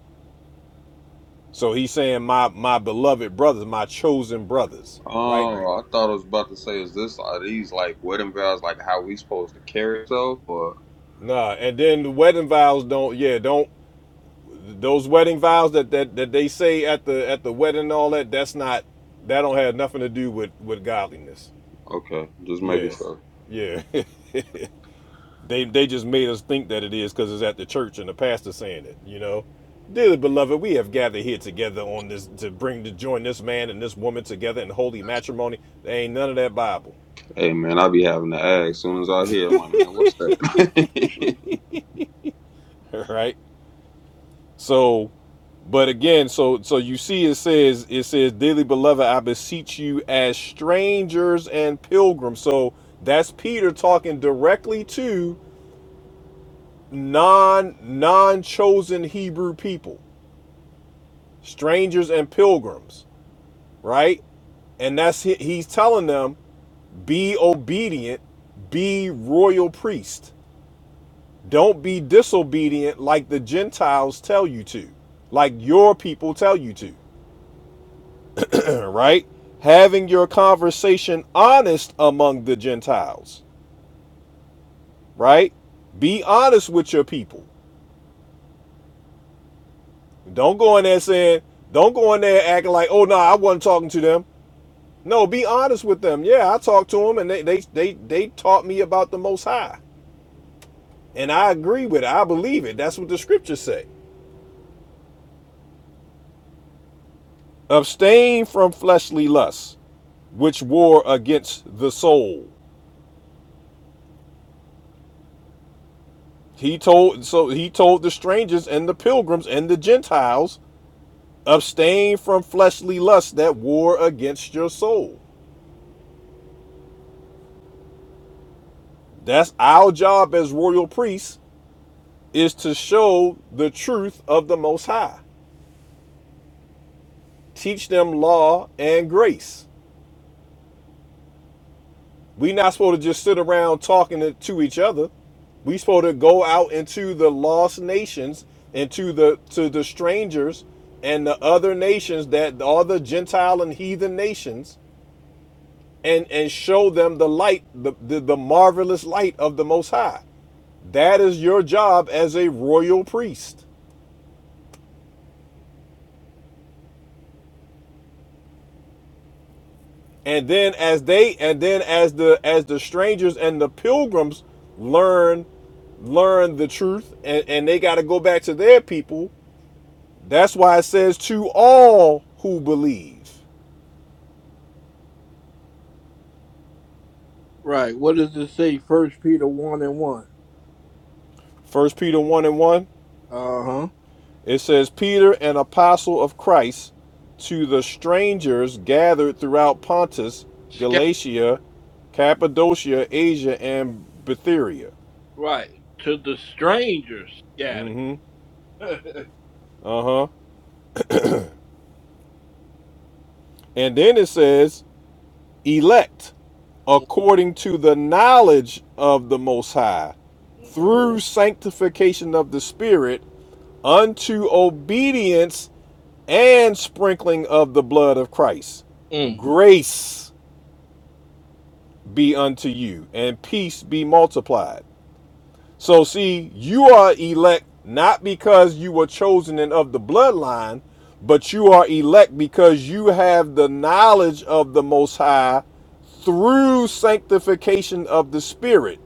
Speaker 4: So he's saying my my beloved brothers, my chosen brothers, right?
Speaker 2: Oh, I thought I was about to say, is this are these like wedding vows, like how we supposed to carry ourselves? Or
Speaker 4: Nah, and then the wedding vows don't. Yeah, don't Those wedding vows that, that that they say at the at the wedding and all that, that's not that don't have nothing to do with with godliness.
Speaker 2: okay, just making
Speaker 4: Yeah.
Speaker 2: sure.
Speaker 4: Yeah. they they just made us think that it is because it's at the church and the pastor saying it, you know. Dearly beloved, we have gathered here together on this to bring to join this man and this woman together in holy matrimony. There ain't none of that Bible.
Speaker 2: Hey man, I be having to ask. As soon as I hear, I'm like, man, what's that?
Speaker 4: Right? So, but again, so so you see, it says it says, "Dearly beloved, I beseech you as strangers and pilgrims." So that's Peter talking directly to non non chosen Hebrew people, strangers and pilgrims, right? And that's he- he's telling them, be obedient, be royal priest. Don't be disobedient like the Gentiles tell you to, like your people tell you to. right? Having your conversation honest among the Gentiles, right? Be honest with your people. Don't go in there saying, don't go in there acting like, oh no, nah, I wasn't talking to them. No, be honest with them. Yeah, I talked to them and they they they they taught me about the most high. And I agree with it. I believe it. That's what the scriptures say. Abstain from fleshly lusts, which war against the soul. He told so he told the strangers and the pilgrims and the Gentiles Abstain from fleshly lusts that war against your soul. That's our job as royal priests is to show the truth of the most high. Teach them law and grace. We not supposed to just sit around talking to to each other. We supposed to go out into the lost nations into the to the strangers and the other nations that all the Gentile and heathen nations and and show them the light, the, the, the marvelous light of the most high. That is your job as a royal priest. And then as they and then as the as the strangers and the pilgrims learn learn the truth and, and they gotta go back to their people, that's why it says to all who believe.
Speaker 5: Right. What does it say? First Peter one and one.
Speaker 4: First Peter one and one,
Speaker 5: Uh huh.
Speaker 4: it says Peter, an apostle of Christ, to the strangers gathered throughout Pontus,
Speaker 5: Scat
Speaker 4: Galatia, Cappadocia, Asia, and Bithynia.
Speaker 5: right. To the strangers scattered. mm-hmm.
Speaker 4: Uh huh. And then it says, elect according to the knowledge of the Most High through sanctification of the Spirit unto obedience and sprinkling of the blood of Christ.
Speaker 5: mm.
Speaker 4: Grace be unto you and peace be multiplied. So, see, you are elect not because you were chosen and of the bloodline, but you are elect because you have the knowledge of the Most High through sanctification of the Spirit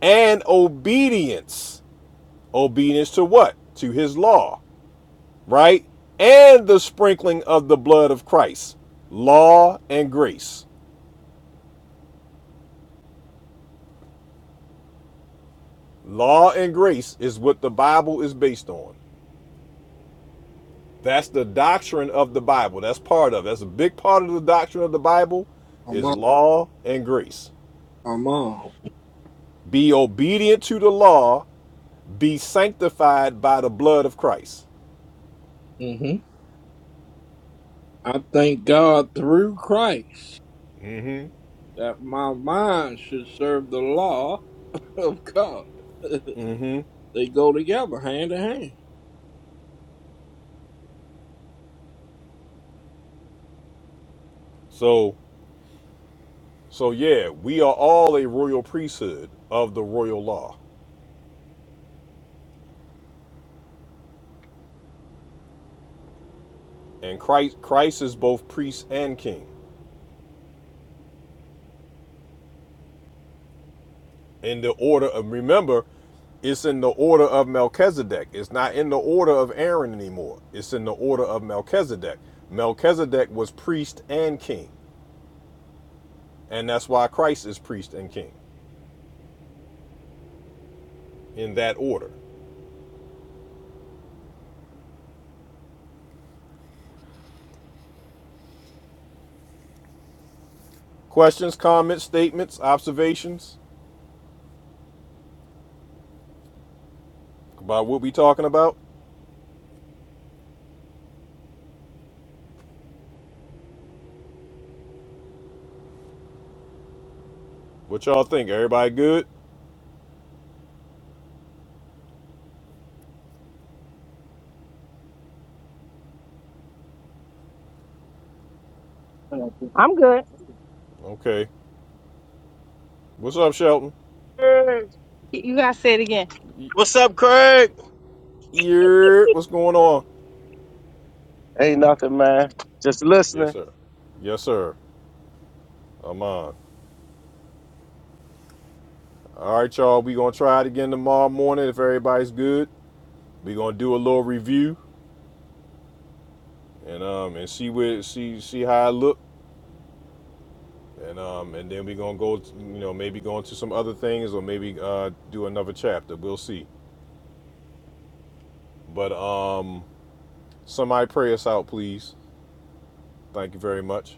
Speaker 4: and obedience. Obedience to what? To His law, right? And the sprinkling of the blood of Christ. Law and grace. Law and grace is what the Bible is based on. That's the doctrine of the Bible. That's part of it. That's a big part of the doctrine of the Bible
Speaker 5: Come
Speaker 4: is
Speaker 5: on.
Speaker 4: law and grace.
Speaker 5: Come on.
Speaker 4: Be obedient to the law, be sanctified by the blood of Christ.
Speaker 5: hmm I thank God through Christ.
Speaker 4: Mm Mhm.
Speaker 5: that my mind should serve the law of God.
Speaker 4: Mm Mhm.
Speaker 5: they go together, hand in hand.
Speaker 4: So so yeah, we are all a royal priesthood of the royal law. And Christ Christ is both priest and king. in the order of remember it's in the order of melchizedek it's not in the order of aaron anymore it's in the order of melchizedek melchizedek was priest and king and that's why christ is priest and king in that order questions comments statements observations about what we talking about what y'all think everybody good
Speaker 7: I'm good.
Speaker 4: okay what's up shelton
Speaker 7: Mm. You gotta say it again. What's up, Craig?
Speaker 4: yeah what's going on
Speaker 7: Ain't nothing, man. Just
Speaker 4: yes
Speaker 7: listening.
Speaker 4: sir yes sir i'm on All right, y'all. We gonna try it again tomorrow morning if everybody's good. We gonna do a little review and um and see where see see how it look and um and then we gonna go you know maybe go into some other things or maybe uh do another chapter. We'll see. But um somebody pray us out, please. Thank you very much.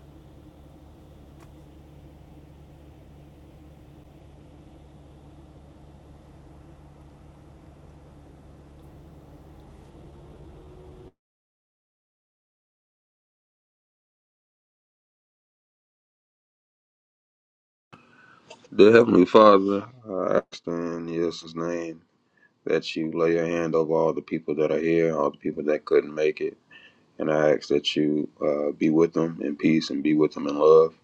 Speaker 2: the Heavenly Father, I ask in Jesus' name that you lay your hand over all the people that are here, all the people that couldn't make it, and I ask that you uh, be with them in peace and be with them in love.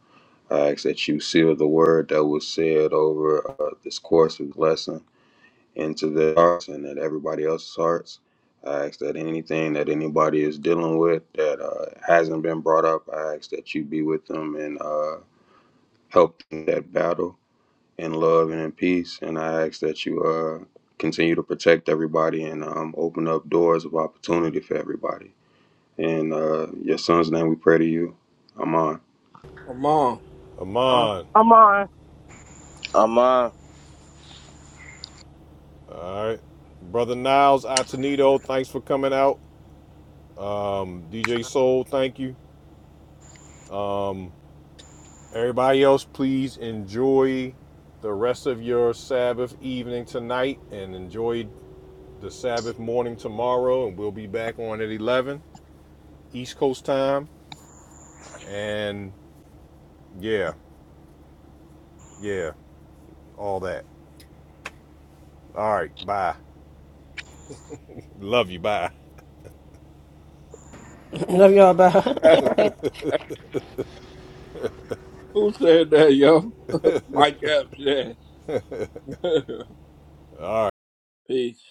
Speaker 2: I ask that you seal the word that was said over uh, this course of lesson into their hearts and at everybody else's hearts. I ask that anything that anybody is dealing with that uh, hasn't been brought up, I ask that you be with them and uh, help them in that battle in love and in peace. And I ask that you uh, continue to protect everybody and um, open up doors of opportunity for everybody. In uh, your son's name, we pray to you. Amen.
Speaker 5: Come on.
Speaker 7: Huh?
Speaker 4: Amon.
Speaker 3: Amen.
Speaker 4: All right. Brother Niles Atenito, thanks for coming out. Um, DJ Soul, thank you. Um Everybody else, please enjoy the rest of your Sabbath evening tonight and enjoy the Sabbath morning tomorrow. And we'll be back on at 11 East Coast time. And yeah, yeah, all that. All right, bye. Love you. Bye.
Speaker 6: Love y'all. Bye.
Speaker 5: Who said that, yo? Mike Epps, yeah. Peace.